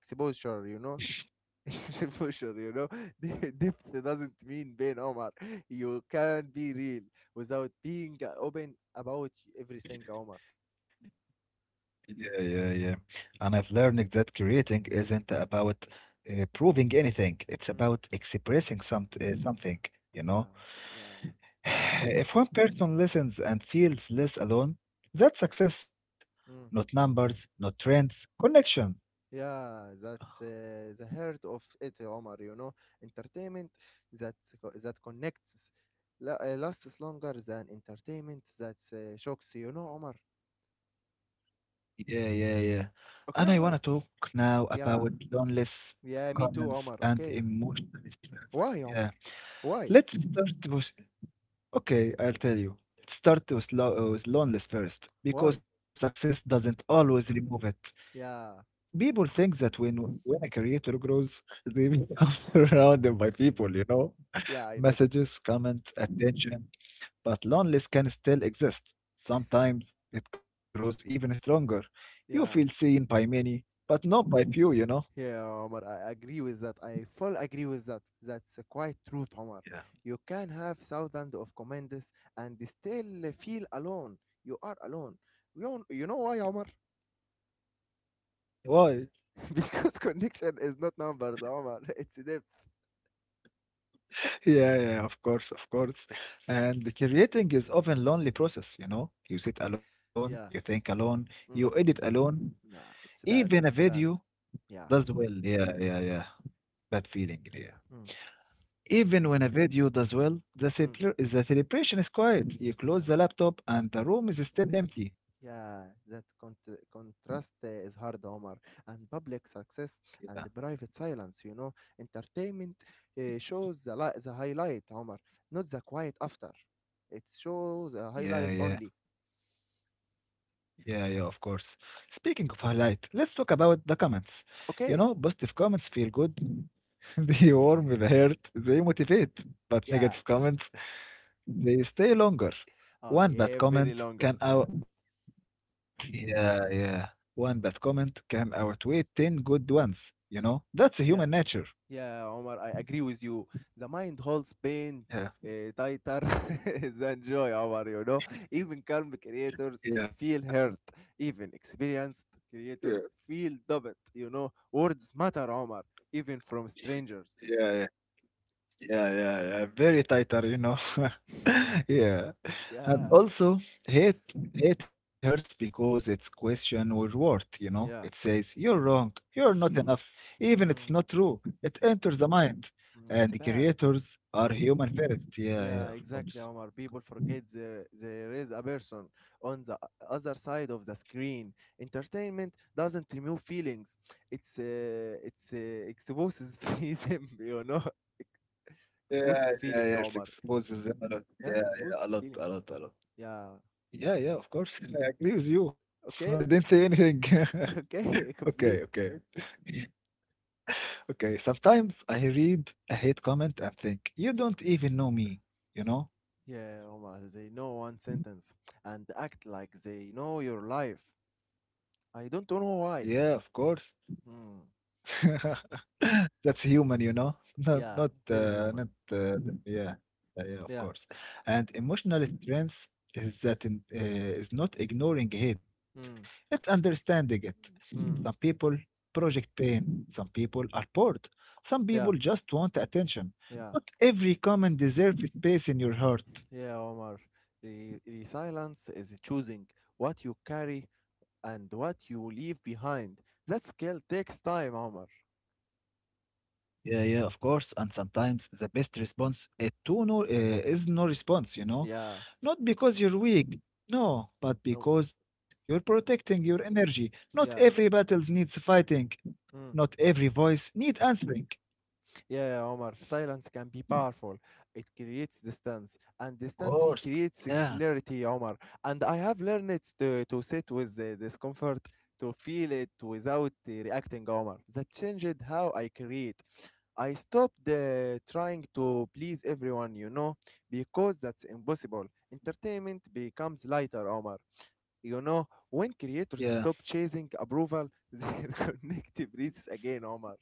S2: exposure, you know It's emotional. Depth doesn't mean being Omar. You can't be real without being open about everything, Omar.
S1: Yeah, yeah, yeah. And I've learned that creating isn't about proving anything. It's
S2: Mm.
S1: about expressing something, you know.
S2: Yeah, yeah, yeah.
S1: If one person listens and feels less alone, that's success. Not
S2: Mm.
S1: numbers, not trends, connection.
S2: Yeah, that's the heart of it, Omar. Entertainment that that connects lasts longer than entertainment that shocks, Omar.
S1: Yeah, yeah, yeah. And I
S2: Okay,
S1: want to
S2: Omar.
S1: talk now about
S2: Yeah,
S1: loneliness,
S2: yeah, me too,
S1: comments,
S2: Omar.
S1: and
S2: Okay.
S1: emotional stress.
S2: Why, Omar?
S1: Yeah.
S2: Why?
S1: Let's start with Okay, I'll tell you. Start with, with loneliness first, because
S2: Why?
S1: success doesn't always remove it.
S2: Yeah.
S1: People think that when a creator grows, they become surrounded by people,
S2: Yeah, I know that.
S1: messages, comments, attention. But loneliness can still exist. Sometimes it grows even stronger. You feel
S2: Yeah,
S1: seen by many, but not by few.
S2: yeah, Omar, I agree with that. I full agree with that. That's quite truth, Omar.
S1: Yeah.
S2: You can have thousands of commanders and still feel alone. You are alone. You know why, Omar?
S1: Why?
S2: Because connection is not numbers, Omar. It's depth.
S1: Yeah, yeah, of course, of course. And the creating is often lonely process, you know. You sit alone, you
S2: Yeah.
S1: think alone, you edit
S2: Mm.
S1: alone.
S2: Yeah, it's
S1: Even a
S2: bad. It's
S1: video
S2: bad.
S1: does
S2: Yeah.
S1: well. Yeah, yeah, yeah. Bad feeling, yeah.
S2: Mm.
S1: Even when a video does well, the
S2: Mm.
S1: celebra- the celebration is quiet. You close
S2: Yeah.
S1: the laptop and the room is still empty.
S2: Yeah, that contrast is hard, Omar. And public success
S1: Yeah,
S2: and the private silence, entertainment shows the highlight, Omar, not the quiet after. It shows the
S1: yeah,
S2: highlight
S1: yeah,
S2: only.
S1: yeah, yeah, of course. Speaking of highlight, let's talk about the comments. You know,
S2: Okay.
S1: positive comments feel good. They warm the heart, they motivate, but
S2: Yeah.
S1: negative comments, they stay longer.
S2: Oh,
S1: One bad
S2: yeah, very
S1: comment
S2: longer.
S1: can
S2: Yeah.
S1: out Yeah, yeah. One bad comment can outweigh 10 good ones, you know? That's human
S2: Yeah.
S1: nature.
S2: Yeah, Omar, I agree with you. The mind holds pain
S1: Yeah,
S2: tighter than joy, Omar. Even calm creators
S1: yeah,
S2: feel hurt. Even experienced
S1: yeah,
S2: creators feel doubt. Words matter, Omar, even from strangers.
S1: yeah, yeah, yeah, yeah. Very tighter, you know. Yeah. And
S2: Yeah,
S1: also, hate hate hurts because it's question or worth, you know. It
S2: yeah.
S1: says, you're wrong, you're not enough,
S2: Mm,
S1: even it's not
S2: mm,
S1: true. It enters the mind.
S2: mm,
S1: And
S2: it's
S1: the
S2: bad.
S1: creators are
S2: Mm.
S1: human first. Yeah, yeah,
S2: Yeah,
S1: of
S2: exactly,
S1: course.
S2: Omar. People
S1: Yeah,
S2: forget there is a person on the other side of the screen. Entertainment doesn't remove feelings. It's exposes them.
S1: yeah,
S2: Exposes
S1: yeah.
S2: feeling,
S1: It
S2: Omar.
S1: exposes them a lot. Yeah,
S2: Yeah,
S1: yeah, a
S2: exposes
S1: lot,
S2: feeling.
S1: a lot, a lot.
S2: Yeah.
S1: Yeah, yeah, of course. I agree with you.
S2: Okay.
S1: I didn't say anything.
S2: Okay. Complete.
S1: Okay, okay. Okay, sometimes I read a hate comment and think, you don't even know me, you know?
S2: Yeah, Omar. They know one sentence and act like they know your life. I don't know why.
S1: Yeah, of course.
S2: Hmm.
S1: That's human. Not
S2: Yeah.
S1: not
S2: Very human.
S1: uh, not uh, th- yeah yeah, yeah,
S2: Yeah.
S1: of course. And emotional strength is not ignoring hate;
S2: Hmm.
S1: it's understanding it. Some
S2: Hmm.
S1: people project pain. Some people are bored. Some people
S2: Yeah.
S1: just want attention.
S2: Yeah.
S1: Not every comment deserves space in your heart.
S2: Yeah, Omar. Resilience is choosing what you carry and what you leave behind. That skill takes time, Omar.
S1: Yeah, yeah, of course. And sometimes the best response to no is no response.
S2: Yeah.
S1: Not because you're weak, no, but
S2: No.
S1: because you're protecting your energy. Not every
S2: Yeah.
S1: battle needs fighting.
S2: Mm.
S1: Not every voice need answering.
S2: Yeah, Omar. Silence can be powerful. It creates distance, and
S1: Of
S2: distance
S1: course.
S2: creates
S1: Yeah.
S2: clarity, Omar. And I have learned it to sit with the discomfort, to feel it without reacting, Omar. That changed how I create. I stopped trying to please everyone, because that's impossible. Entertainment becomes lighter, Omar. You know, when
S1: Yeah.
S2: creators stop chasing approval, their connective reaches again, Omar.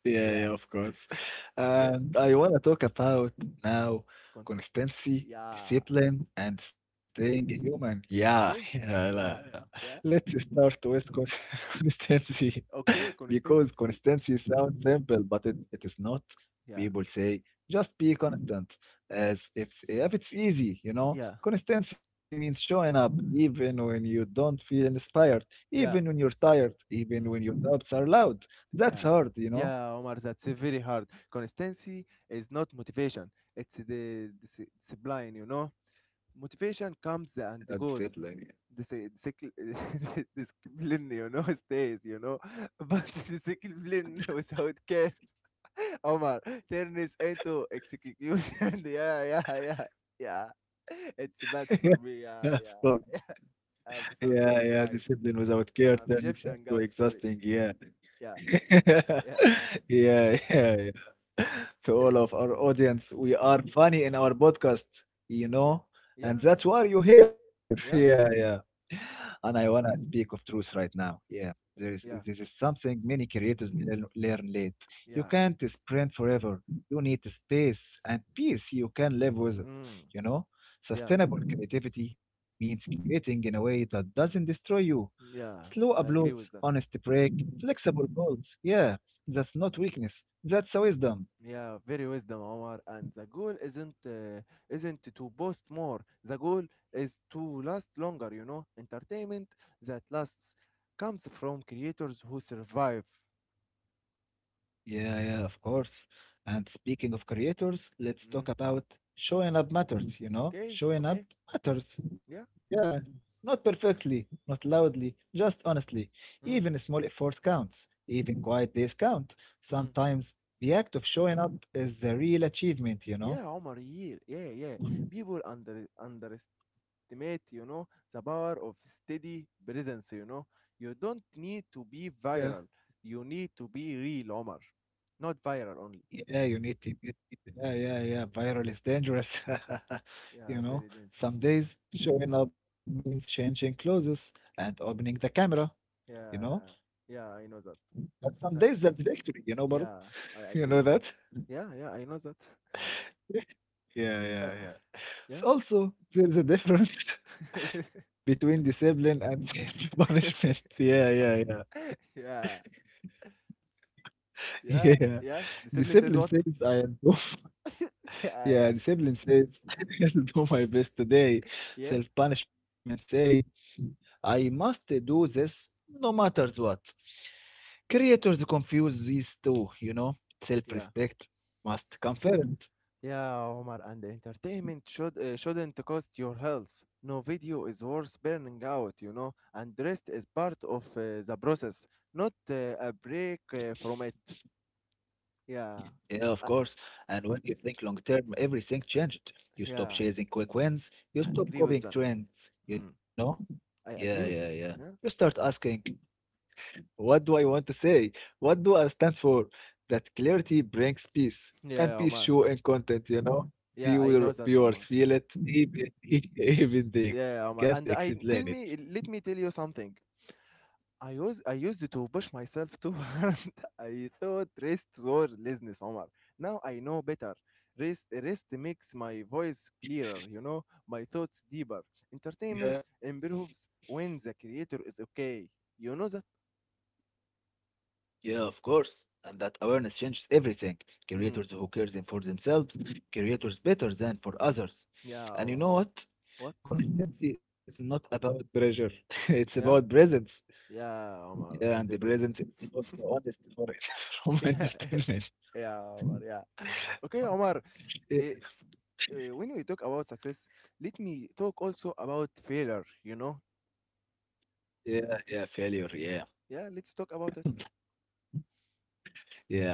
S1: Yeah,
S2: Yeah,
S1: yeah, of course.
S2: yeah.
S1: And I want to talk about now
S2: Consent.
S1: consistency,
S2: Yeah,
S1: discipline, and staying human. Yeah,
S2: okay,
S1: yeah, yeah.
S2: yeah,
S1: Let's
S2: yeah,
S1: start with consistency.
S2: okay.
S1: Because
S2: Consistency.
S1: consistency sounds simple, but it is not.
S2: Yeah,
S1: People say, just be constant, as if it's easy, you know.
S2: yeah,
S1: Consistency means showing up even when you don't feel inspired, even when
S2: yeah,
S1: you're tired, even when
S2: mm.
S1: your doubts are loud. That's
S2: Yeah,
S1: hard.
S2: yeah, Omar. That's very hard. Consistency is not motivation; it's the discipline. Motivation comes
S1: A
S2: and
S1: discipline.
S2: goes. This, discipline, stays, but discipline without care, Omar, turns into execution. Yeah, yeah, yeah, yeah. It's bad
S1: Yeah,
S2: for me.
S1: of
S2: Yeah,
S1: course.
S2: yeah. I'm
S1: Yeah,
S2: so
S1: yeah.
S2: sorry, guys.
S1: Discipline without care
S2: I'm
S1: turns into
S2: Egyptian, guys. Sorry.
S1: exhausting. Yeah.
S2: Yeah, yeah,
S1: Yeah, yeah, yeah. To all of our audience, we are funny in our podcast, you
S2: yeah,
S1: know, and
S2: yeah,
S1: that's why you're here. Yeah,
S2: yeah,
S1: yeah. And I wanna speak of truth right now. Yeah, there is
S2: yeah,
S1: this is something many creators learn late. You
S2: yeah.
S1: can't sprint forever. You need space and peace. You can live with it.
S2: Mm,
S1: You know,
S2: yeah,
S1: sustainable creativity means creating in a way that doesn't
S2: mm,
S1: destroy you. Slow
S2: yeah. I
S1: uploads,
S2: agree with that.
S1: honesty break, flexible goals. Yeah, that's not weakness. That's a wisdom.
S2: Yeah, very wisdom, Omar. And the goal isn't to boast more. The goal is to last longer. You know, entertainment that lasts comes from creators who survive.
S1: Yeah, yeah, of course. And speaking of creators, let's
S2: Mm.
S1: talk about showing up matters, you know?
S2: Okay,
S1: Showing up
S2: okay,
S1: matters.
S2: yeah,
S1: Yeah. Not perfectly, not loudly, just honestly. Even
S2: mm.
S1: small effort counts. Even quiet days count.
S2: Mm.
S1: Sometimes the act of showing up is the real achievement, you know?
S2: Yeah, Omar. Yeah, yeah, yeah. People underestimate, the power of steady presence. You know, you don't need to be
S1: Yeah.
S2: viral. You need to be real, Omar. Not viral only.
S1: Yeah, you need to get it. Yeah, yeah, yeah. Viral is dangerous. You
S2: Yeah,
S1: know,
S2: very dangerous.
S1: some days showing up means changing clothes and opening the camera, you know.
S2: Yeah, yeah, I know that.
S1: But some
S2: Uh,
S1: days that's victory, but
S2: yeah, I
S1: you
S2: agree
S1: know
S2: with
S1: that?
S2: that. Yeah, yeah, I know that.
S1: Yeah,
S2: Uh,
S1: yeah, yeah.
S2: yeah,
S1: So also there's a difference between discipline and punishment. Yeah, yeah, yeah.
S2: yeah, yeah,
S1: Yeah.
S2: yeah. The sibling says
S1: Discipline
S2: what?
S1: says I'll do.
S2: Yeah, yeah,
S1: Yeah, discipline says I'll do my best today.
S2: yeah,
S1: Self-punishment say I must do this no matter what. Creators confuse these two. Self
S2: yeah.
S1: respect must come first.
S2: Yeah, Omar, and entertainment shouldn't cost your health. No video is worth burning out, and rest is part of the process, not a break from it. Yeah,
S1: Yeah, of
S2: I,
S1: course. And when you think long term, everything changed. You stop
S2: yeah,
S1: chasing quick wins, you
S2: I
S1: stop
S2: agree with
S1: copying
S2: that.
S1: trends, you
S2: Hmm.
S1: know? Yeah,
S2: I
S1: yeah,
S2: agree
S1: yeah.
S2: with that.
S1: You
S2: Yeah.
S1: start asking, what do I want to say? What do I stand for? That clarity brings peace,
S2: Yeah,
S1: and peace
S2: Omar.
S1: show in content, you know?
S2: Yeah, I know
S1: Viewer,
S2: that,
S1: viewers
S2: Omar.
S1: feel it, even, even they can't
S2: Yeah, Omar. And
S1: explain
S2: I
S1: it.
S2: tell me, let me tell you something. I used to push myself too hard. I thought rest was laziness, Omar. Now I know better. Rest makes my voice clearer, my thoughts deeper.
S1: Yeah,
S2: Entertainment improves when the creator is okay. You know that?
S1: yeah, of course. And that awareness changes everything.
S2: Mm.
S1: Creators who cares in for themselves, creators better than for others.
S2: Yeah,
S1: And you
S2: Omar.
S1: know
S2: Yeah.
S1: what?
S2: What?
S1: Consistency is not about pressure. It's about
S2: Yeah.
S1: presence.
S2: Yeah, Omar.
S1: Yeah, and the
S2: And the
S1: presence is the most honest for it from
S2: yeah,
S1: entertainment.
S2: Yeah, Omar. Yeah. Okay, Omar.
S1: Yeah,
S2: eh, when we talk about success, let me talk also about failure, you know?
S1: yeah, yeah, failure. Yeah,
S2: Yeah, let's talk about it.
S1: yeah.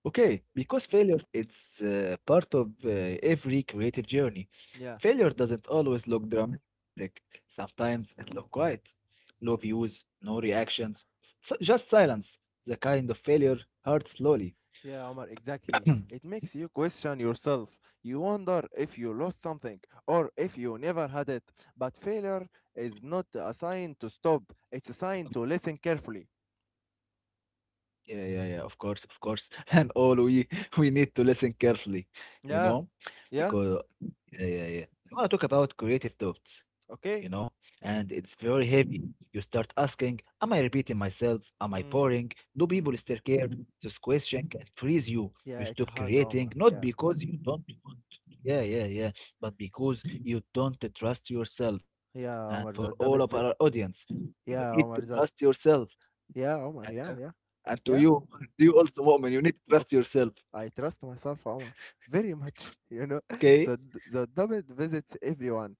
S1: Okay, because failure it's part of every creative journey.
S2: Yeah,
S1: Failure doesn't always look dramatic. Sometimes it looks quiet, no views, no reactions, just silence. The kind of failure hurts slowly.
S2: yeah, Omar, exactly. It makes you question yourself. You wonder if you lost something or if you never had it. But failure is not a sign to stop, it's a sign to listen carefully.
S1: Yeah, yeah, yeah, of course, of course. And all we we need to listen carefully, you
S2: Yeah,
S1: know,
S2: yeah,
S1: because yeah, yeah, yeah. I want to talk about creative doubts,
S2: okay?
S1: and it's very heavy. You start asking, am I repeating myself? Am I boring?
S2: Mm,
S1: Do people
S2: mm.
S1: still care? This question can freeze you. You
S2: Yeah, it's
S1: stop
S2: hard, Omar.
S1: creating, not
S2: Yeah,
S1: because you don't want,
S2: yeah,
S1: yeah, yeah, yeah, but because you don't trust yourself. And for
S2: yeah, Omar,
S1: all
S2: the
S1: of our
S2: double.
S1: audience, you need to
S2: Yeah, Omar.
S1: trust
S2: That,
S1: yourself.
S2: yeah, Omar. Yeah, yeah,
S1: And to
S2: yeah.
S1: you, to you also, Mu'min, you need to
S2: Okay.
S1: trust yourself,
S2: I trust myself, Omar, very much. You know,
S1: okay?
S2: the double visits everyone,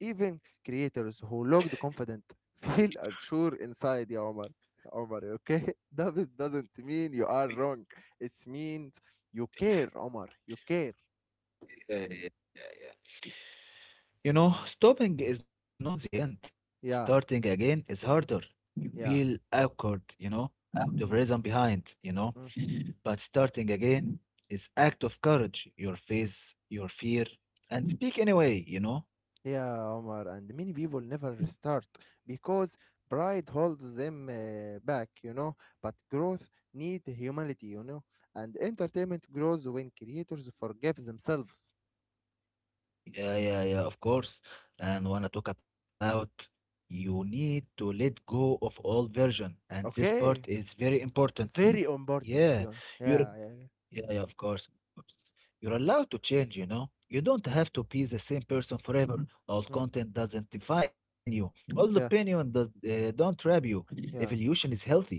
S2: even creators who looked confident feel unsure inside. Yeah, Omar. Omar, okay? Double doesn't mean you are wrong. It means you care, Omar. You care.
S1: Uh, stopping is not the end. Starting
S2: Yeah,
S1: again is harder. You feel
S2: yeah.
S1: awkward, out of
S2: Mm,
S1: reason behind.
S2: mm,
S1: But starting again is act of courage. Your
S2: mm.
S1: face, your fear, and speak anyway.
S2: Yeah, Omar, and many people never restart because pride holds them back, But growth needs humility, And entertainment grows when creators forgive themselves.
S1: Yeah, yeah, yeah, of course. And wanna talk about you need to let go of old version, and this part
S2: Okay,
S1: is very important.
S2: very important. You
S1: Yeah,
S2: know.
S1: your
S2: Yeah, yeah, yeah,
S1: yeah, yeah, of course, of course. You're allowed to change, you know. You
S2: yeah,
S1: don't have to be the same person forever.
S2: mm,
S1: Old content doesn't define you. Old
S2: yeah,
S1: opinion don't trap you.
S2: yeah.
S1: Evolution is healthy.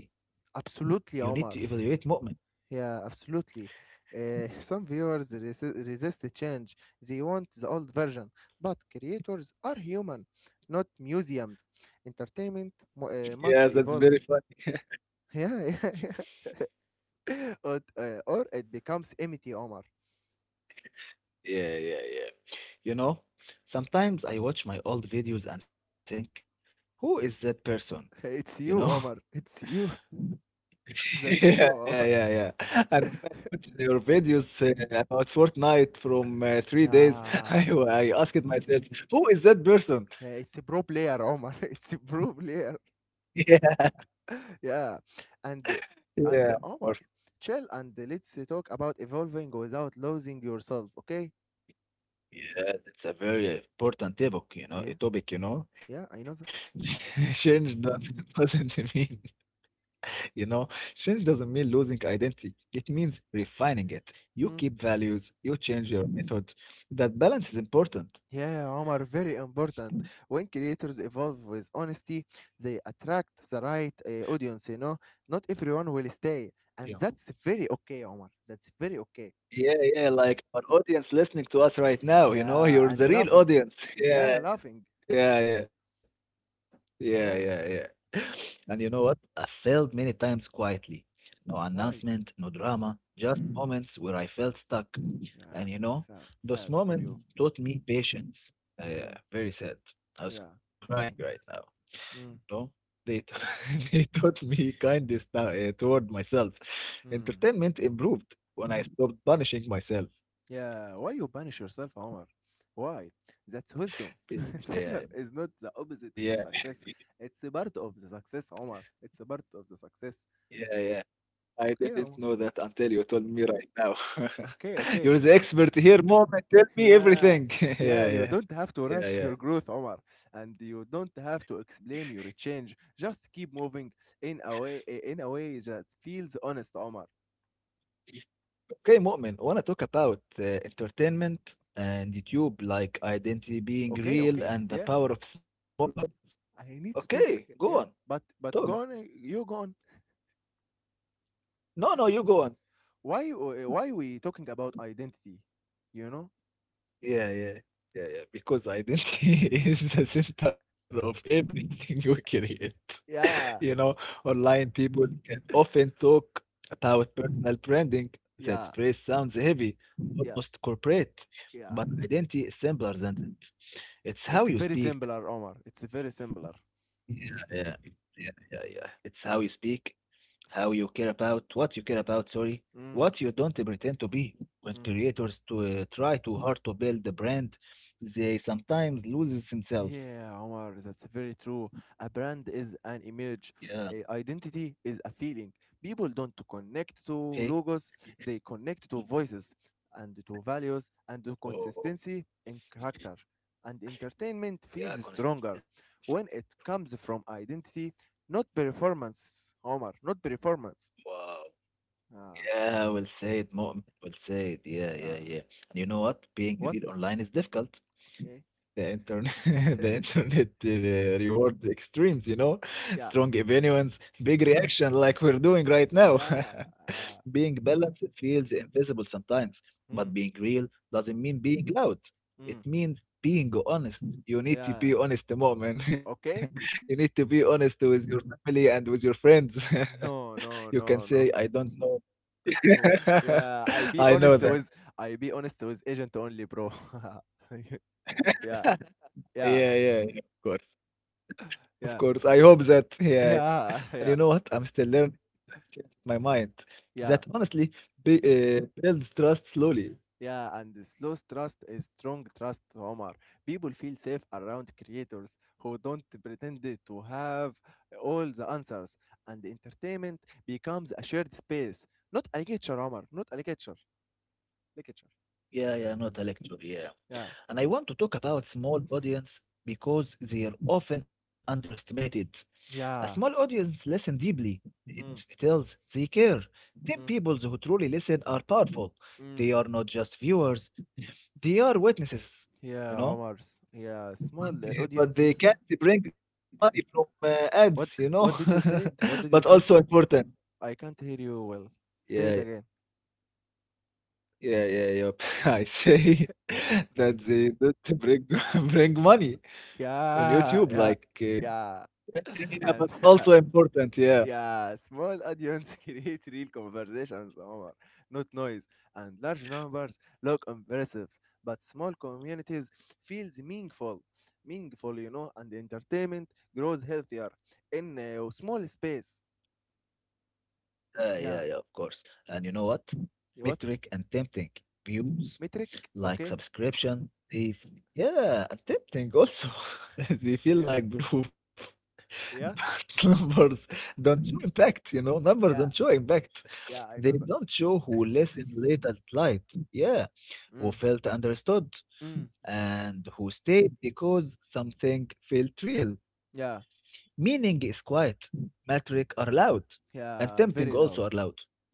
S2: Absolutely,
S1: You need
S2: Omar.
S1: to evaluate movement.
S2: Yeah, absolutely. Some viewers resist the change. They want the old version. But creators are human, not museums. Entertainment must
S1: Yes, that's
S2: evolve.
S1: very fun.
S2: Yeah, yeah, yeah. Or it becomes empty, Omar.
S1: Yeah, yeah, yeah. You know, sometimes I watch my old videos and think, who is that person?
S2: It's
S1: You know.
S2: you, Omar. It's you. That's
S1: Yeah,
S2: you,
S1: yeah,
S2: Omar.
S1: yeah, yeah. And when I watched your videos about Fortnite from 3 days,
S2: Yeah.
S1: I asked myself, who is that person?
S2: Yeah, it's a pro player, Omar. It's a pro player.
S1: Yeah,
S2: Yeah. And and
S1: yeah, of course.
S2: Omar, chill, and let's talk about evolving without losing yourself, okay?
S1: Yeah, it's a very important topic,
S2: Yeah,
S1: you know, a topic.
S2: yeah, I know that.
S1: Change do- doesn't mean, you know, change doesn't mean losing identity. It means refining it. You
S2: Mm.
S1: keep values, you change your method. That balance is important.
S2: Yeah, Omar, very important. When creators evolve with honesty, they attract the right audience, you know. Not everyone will stay, and that's very okay, Omar. That's very okay.
S1: Yeah, yeah, like our audience listening to us right now,
S2: Yeah,
S1: you're
S2: and
S1: the real
S2: laughing.
S1: audience. Yeah,
S2: Yeah, laughing.
S1: yeah, yeah, yeah, yeah,
S2: Yeah.
S1: yeah. And you know what? I failed
S2: Huh?
S1: many times quietly. No
S2: Why?
S1: announcement, no drama, just
S2: Mm.
S1: moments where I felt stuck.
S2: Yeah,
S1: And you
S2: it's
S1: know,
S2: sad,
S1: those
S2: sad for
S1: moments
S2: you.
S1: taught me patience. Yeah,
S2: Mm,
S1: very sad. I was
S2: yeah.
S1: crying right now. No,
S2: Mm.
S1: they taught me kindness now, toward myself.
S2: Mm.
S1: Entertainment improved when I stopped punishing myself.
S2: Yeah, why you punish yourself, Omar? Why? That's wisdom. Failure
S1: Yeah,
S2: is not the
S1: yeah,
S2: opposite of success. It's a part of the success, Omar. It's a part of the success.
S1: yeah, yeah. I didn't
S2: Okay,
S1: know
S2: Omar.
S1: that until you told me right now.
S2: Okay, okay.
S1: You're the expert here, Mu'min. Tell me
S2: Yeah,
S1: everything.
S2: yeah,
S1: Yeah,
S2: you
S1: yeah,
S2: don't have to
S1: yeah,
S2: rush your
S1: yeah.
S2: growth, Omar. And you don't have to explain your change. Just keep moving in a way that feels honest, Omar.
S1: Okay, Mu'min, I want to talk about entertainment and YouTube, like identity being
S2: Okay,
S1: real
S2: okay.
S1: and the
S2: Yeah,
S1: power of small. Mhm.
S2: I need to
S1: Okay,
S2: talk.
S1: go on.
S2: Yeah, but
S1: Talk.
S2: but go on. You go on.
S1: No, no, you go on.
S2: Why why we talking about identity, you know?
S1: Yeah, yeah, yeah, yeah. Because identity is the center of everything we create. You
S2: Yeah,
S1: know, online people can often talk about personal branding. That
S2: yeah,
S1: phrase sounds heavy,
S2: yeah,
S1: almost corporate,
S2: yeah.
S1: but identity is simpler than that. It's how
S2: It's
S1: you
S2: very
S1: speak.
S2: similar, Omar. It's very similar.
S1: Yeah, yeah, yeah, yeah, yeah. It's how you speak, how you care about, what you care about, sorry,
S2: Mm,
S1: what you don't pretend to be. When
S2: mm.
S1: creators try too hard to build the brand, they sometimes lose themselves.
S2: Yeah, Omar, that's very true. A brand is an image,
S1: Yeah,
S2: a identity is a feeling. People don't connect to
S1: okay.
S2: logos, they connect to voices and to values and to
S1: Oh,
S2: consistency in character. And entertainment
S1: yeah,
S2: feels stronger
S1: consistency.
S2: when it comes from identity, not performance, Omar, not performance.
S1: Wow.
S2: Ah,
S1: Yeah, well said, Mu'min. Well said. Yeah, yeah,
S2: yeah.
S1: yeah. And you know what? Being
S2: What?
S1: real online is difficult.
S2: Okay.
S1: The internet, the internet rewards extremes, you know?
S2: yeah.
S1: Strong opinions, big reaction like we're doing right now.
S2: Yeah. Yeah.
S1: Being balanced feels invisible sometimes, but
S2: Mm,
S1: being real doesn't mean being loud. It
S2: mm,
S1: means being honest. You need to
S2: yeah.
S1: be honest, Mu'min.
S2: Okay.
S1: You need to be honest with your family and with your friends.
S2: No,
S1: You
S2: no,
S1: can
S2: no,
S1: say, I
S2: no.
S1: don't know.
S2: yeah,
S1: I know that.
S2: I be honest with agent only, bro. yeah, yeah,
S1: Yeah, yeah, yeah, of course. Of
S2: yeah,
S1: course. I hope that, yeah.
S2: yeah,
S1: And
S2: yeah,
S1: you know what? I'm still learning to change my mind.
S2: yeah,
S1: That honestly builds trust slowly.
S2: yeah. And the slow trust is strong trust, Omar. People feel safe around creators who don't pretend it to have all the answers, and entertainment becomes a shared space, not a lecture, Omar, not a lecture, lecture.
S1: Yeah, yeah, I'm not a lecturer, yeah.
S2: Yeah,
S1: And I want to talk about small audience because they are often underestimated. A small
S2: yeah.
S1: audience listen deeply. They notice
S2: Mm,
S1: details, they care. Then
S2: mm,
S1: people who truly listen are powerful. They
S2: mm.
S1: are not just viewers, they are witnesses, you
S2: Yeah,
S1: know?
S2: Omar. Yeah, small
S1: But they but they
S2: audiences.
S1: can't bring money from, ads, you know?
S2: What what did you said?
S1: But
S2: What did
S1: also
S2: you said?
S1: important.
S2: I can't hear you well.
S1: Yeah,
S2: Say it again.
S1: yeah, yeah, yeah. I say that they don't bring bring money on
S2: Yeah,
S1: YouTube,
S2: yeah,
S1: like, uh.
S2: yeah.
S1: Yeah, yeah, yeah,
S2: And
S1: but also important, yeah.
S2: yeah, small audience create real conversations, Omar, not noise. And large numbers look impressive, but small communities feels meaningful, meaningful, you know. And entertainment grows healthier in a small space.
S1: Yeah, yeah, yeah,
S2: Yeah.
S1: of course. And you know what?
S2: What
S1: Metric and tempting views
S2: metric?
S1: like
S2: Okay.
S1: subscription thief. Yeah, and tempting also. They feel
S2: Yeah.
S1: like proof.
S2: Yeah?
S1: But numbers don't show impact, you know? Numbers don't
S2: Yeah,
S1: show impact.
S2: yeah, I
S1: They
S2: know that.
S1: don't show who listened late at night. Yeah, who
S2: Mm,
S1: felt understood
S2: mm,
S1: and who stayed because something felt real.
S2: yeah,
S1: Meaning is quiet. Metric are loud. And tempting
S2: yeah, very
S1: also are
S2: loud.
S1: loud.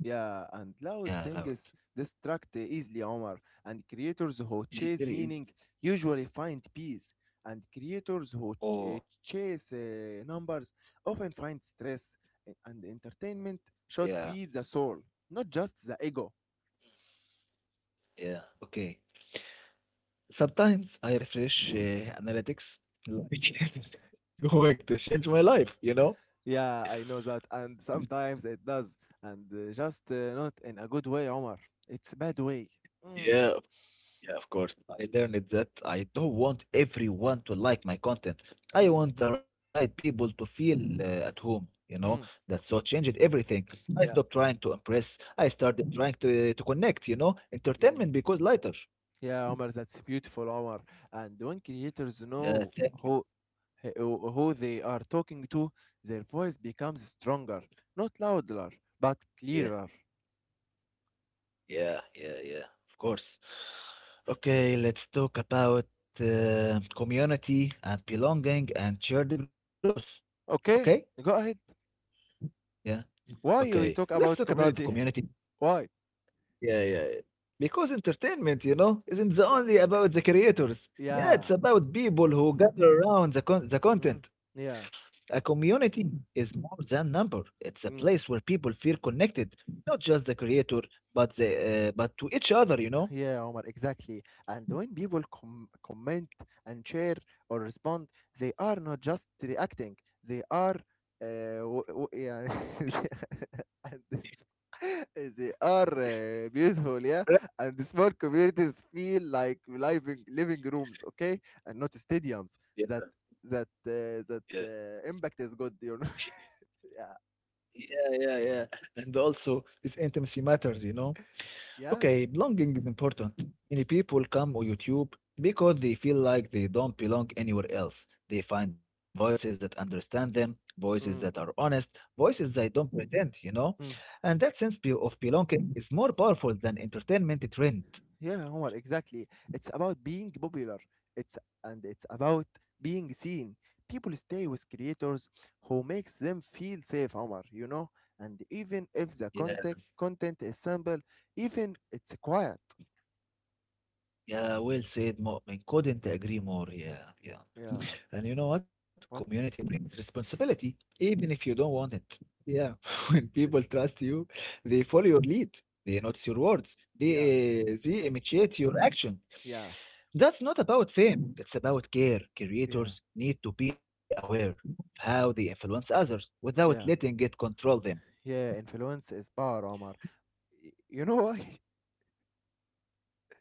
S2: Yeah, and
S1: Yeah,
S2: loud
S1: loud.
S2: things distract easily, Omar. And creators who chase
S1: Very easy.
S2: meaning usually find peace. And creators who
S1: Oh,
S2: chase numbers often find stress. And entertainment
S1: yeah,
S2: should feed the soul, not just the ego.
S1: yeah. Okay. Sometimes I refresh analytics like it's going to change my life, you know?
S2: Yeah, I know that. And sometimes it does. And just not in a good way, Omar. It's a bad way. Mm,
S1: Yeah, yeah, of course. I learned that I don't want everyone to like my content. I
S2: hmm,
S1: want the right people to feel at home, you know?
S2: mm.
S1: That so changed everything. I stopped
S2: Yeah,
S1: trying to impress. I started trying to to connect, you know?
S2: yeah,
S1: Entertainment because lighter.
S2: yeah, Omar, that's beautiful, Omar. And when creators
S1: Yeah,
S2: know
S1: thank
S2: who who they are talking to, their voice becomes stronger, not louder, but
S1: you.
S2: clearer.
S1: Yeah, yeah, yeah, of course. Okay, let's talk about community and belonging and shared growth. Okay?
S2: Okay, go ahead.
S1: Yeah.
S2: Why
S1: Okay.
S2: we talk
S1: Let's talk
S2: about
S1: about the
S2: community?
S1: community.
S2: Why?
S1: Yeah, yeah, yeah. Because entertainment, you know, isn't the
S2: Yeah,
S1: only about the creators. Yeah, it's
S2: yeah,
S1: about people who gather around the
S2: mm,
S1: content.
S2: yeah.
S1: A community is more than number. It's a place
S2: Mm,
S1: where people feel connected, not just the creator, but the but to each other, you know.
S2: yeah, Omar, exactly. And when people comment and share or respond, they are not just reacting; they are, yeah, and this. They are beautiful, yeah,
S1: Correct,
S2: and the small communities feel like living rooms, okay, and not stadiums.
S1: yeah,
S2: That,
S1: yeah.
S2: impact is good, you know. yeah,
S1: Yeah, yeah, yeah. And also, this intimacy matters, you know?
S2: yeah,
S1: Okay, belonging is important. Many people come on YouTube because they feel like they don't belong anywhere else. They find voices that understand them, voices that are
S2: mm,
S1: honest, voices that don't pretend, you know?
S2: mm.
S1: And that sense of belonging is more powerful than entertainment trend.
S2: Yeah, Omar, exactly. It's about being popular. It's and it's about being seen. People stay with creators who makes them feel safe, Omar. You know, and even if
S1: Yeah,
S2: the content is simple, even it's quiet.
S1: yeah, well said, Mu'min. Couldn't
S2: Yeah,
S1: agree more. Yeah, yeah.
S2: yeah.
S1: And you know what? Community
S2: What?
S1: brings responsibility, even if you don't want it. Yeah, when people trust you, they follow your lead, they notice your words, they,
S2: Yeah,
S1: uh, they imitate your action.
S2: yeah,
S1: That's not about fame, it's about care.
S2: yeah,
S1: Creators need to be aware of how they influence others without letting
S2: yeah,
S1: it control them.
S2: yeah. Influence is power, Omar. You know why?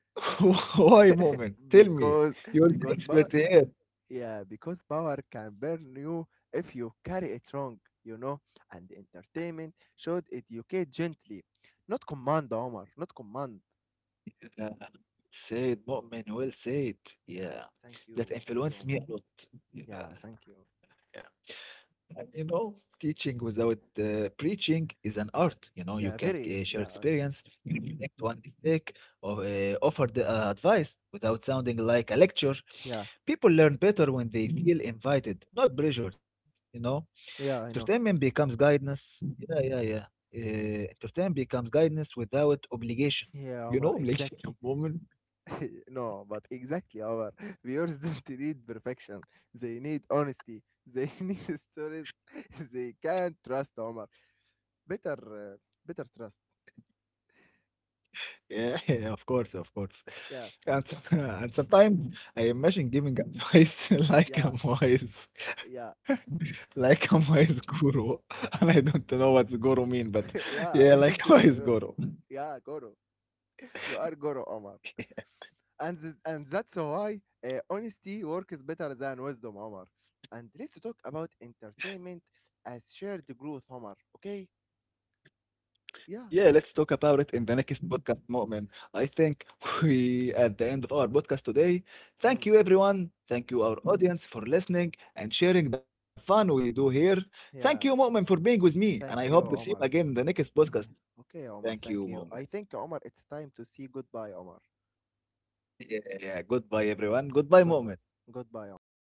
S1: Why, Mu'min? Tell me.
S2: Because
S1: You're the
S2: because power.
S1: expert here.
S2: Yeah, because power can burn you if you carry it wrong. You know, and entertainment should educate gently, not command, Omar. Not command.
S1: Yeah. Said Mu'min, well said.
S2: Yeah,
S1: Yeah. That
S2: thank you,
S1: influenced
S2: Omar.
S1: me a lot. Yeah.
S2: Yeah, thank you.
S1: Yeah. And you know, teaching without preaching is an art. You know, you
S2: Yeah,
S1: can
S2: very.
S1: share
S2: Yeah,
S1: experience, you reflect one mistake, or offer the advice without sounding like a lecture.
S2: yeah,
S1: People learn better when they feel invited, not pressured, you know?
S2: yeah. I
S1: Entertainment
S2: know.
S1: becomes guidance. Yeah, yeah, yeah. Entertainment becomes guidance without obligation.
S2: Yeah,
S1: You
S2: Omar.
S1: know, obligation,
S2: Exactly.
S1: woman.
S2: No, but exactly, our viewers don't need perfection. They need honesty. They need stories. They can't trust Omar. Better, better trust.
S1: Yeah, yeah, of course, of course.
S2: Yeah,
S1: And sometimes I imagine giving advice like
S2: yeah,
S1: I'm wise,
S2: yeah,
S1: like I'm wise guru. And I don't know what guru mean, but yeah,
S2: yeah. I
S1: like
S2: don't
S1: wise
S2: know you.
S1: guru.
S2: Yeah, Goro. You are Goro, Omar. And that's why honesty works better than wisdom, Omar. And let's talk about entertainment as shared growth, Omar. Okay?
S1: Yeah,
S2: Yeah.
S1: let's talk about it in the next podcast, Mu'min. I think we at the end of our podcast today. Thank
S2: Hmm.
S1: you, everyone. Thank you, our audience, for listening and sharing the fun we do here. Thank you,
S2: Yeah.
S1: Mu'min, for being with me, and I hope
S2: Thank
S1: to see you
S2: you,
S1: again
S2: Omar.
S1: in the next podcast.
S2: Yeah. Okay,
S1: Thank
S2: Omar.
S1: you,
S2: Thank you.
S1: Mu'min.
S2: I think, Omar, it's time to see goodbye, Omar.
S1: Yeah, yeah, yeah. Goodbye, everyone. Goodbye,
S2: Goodbye.
S1: Mu'min.
S2: Goodbye, Omar.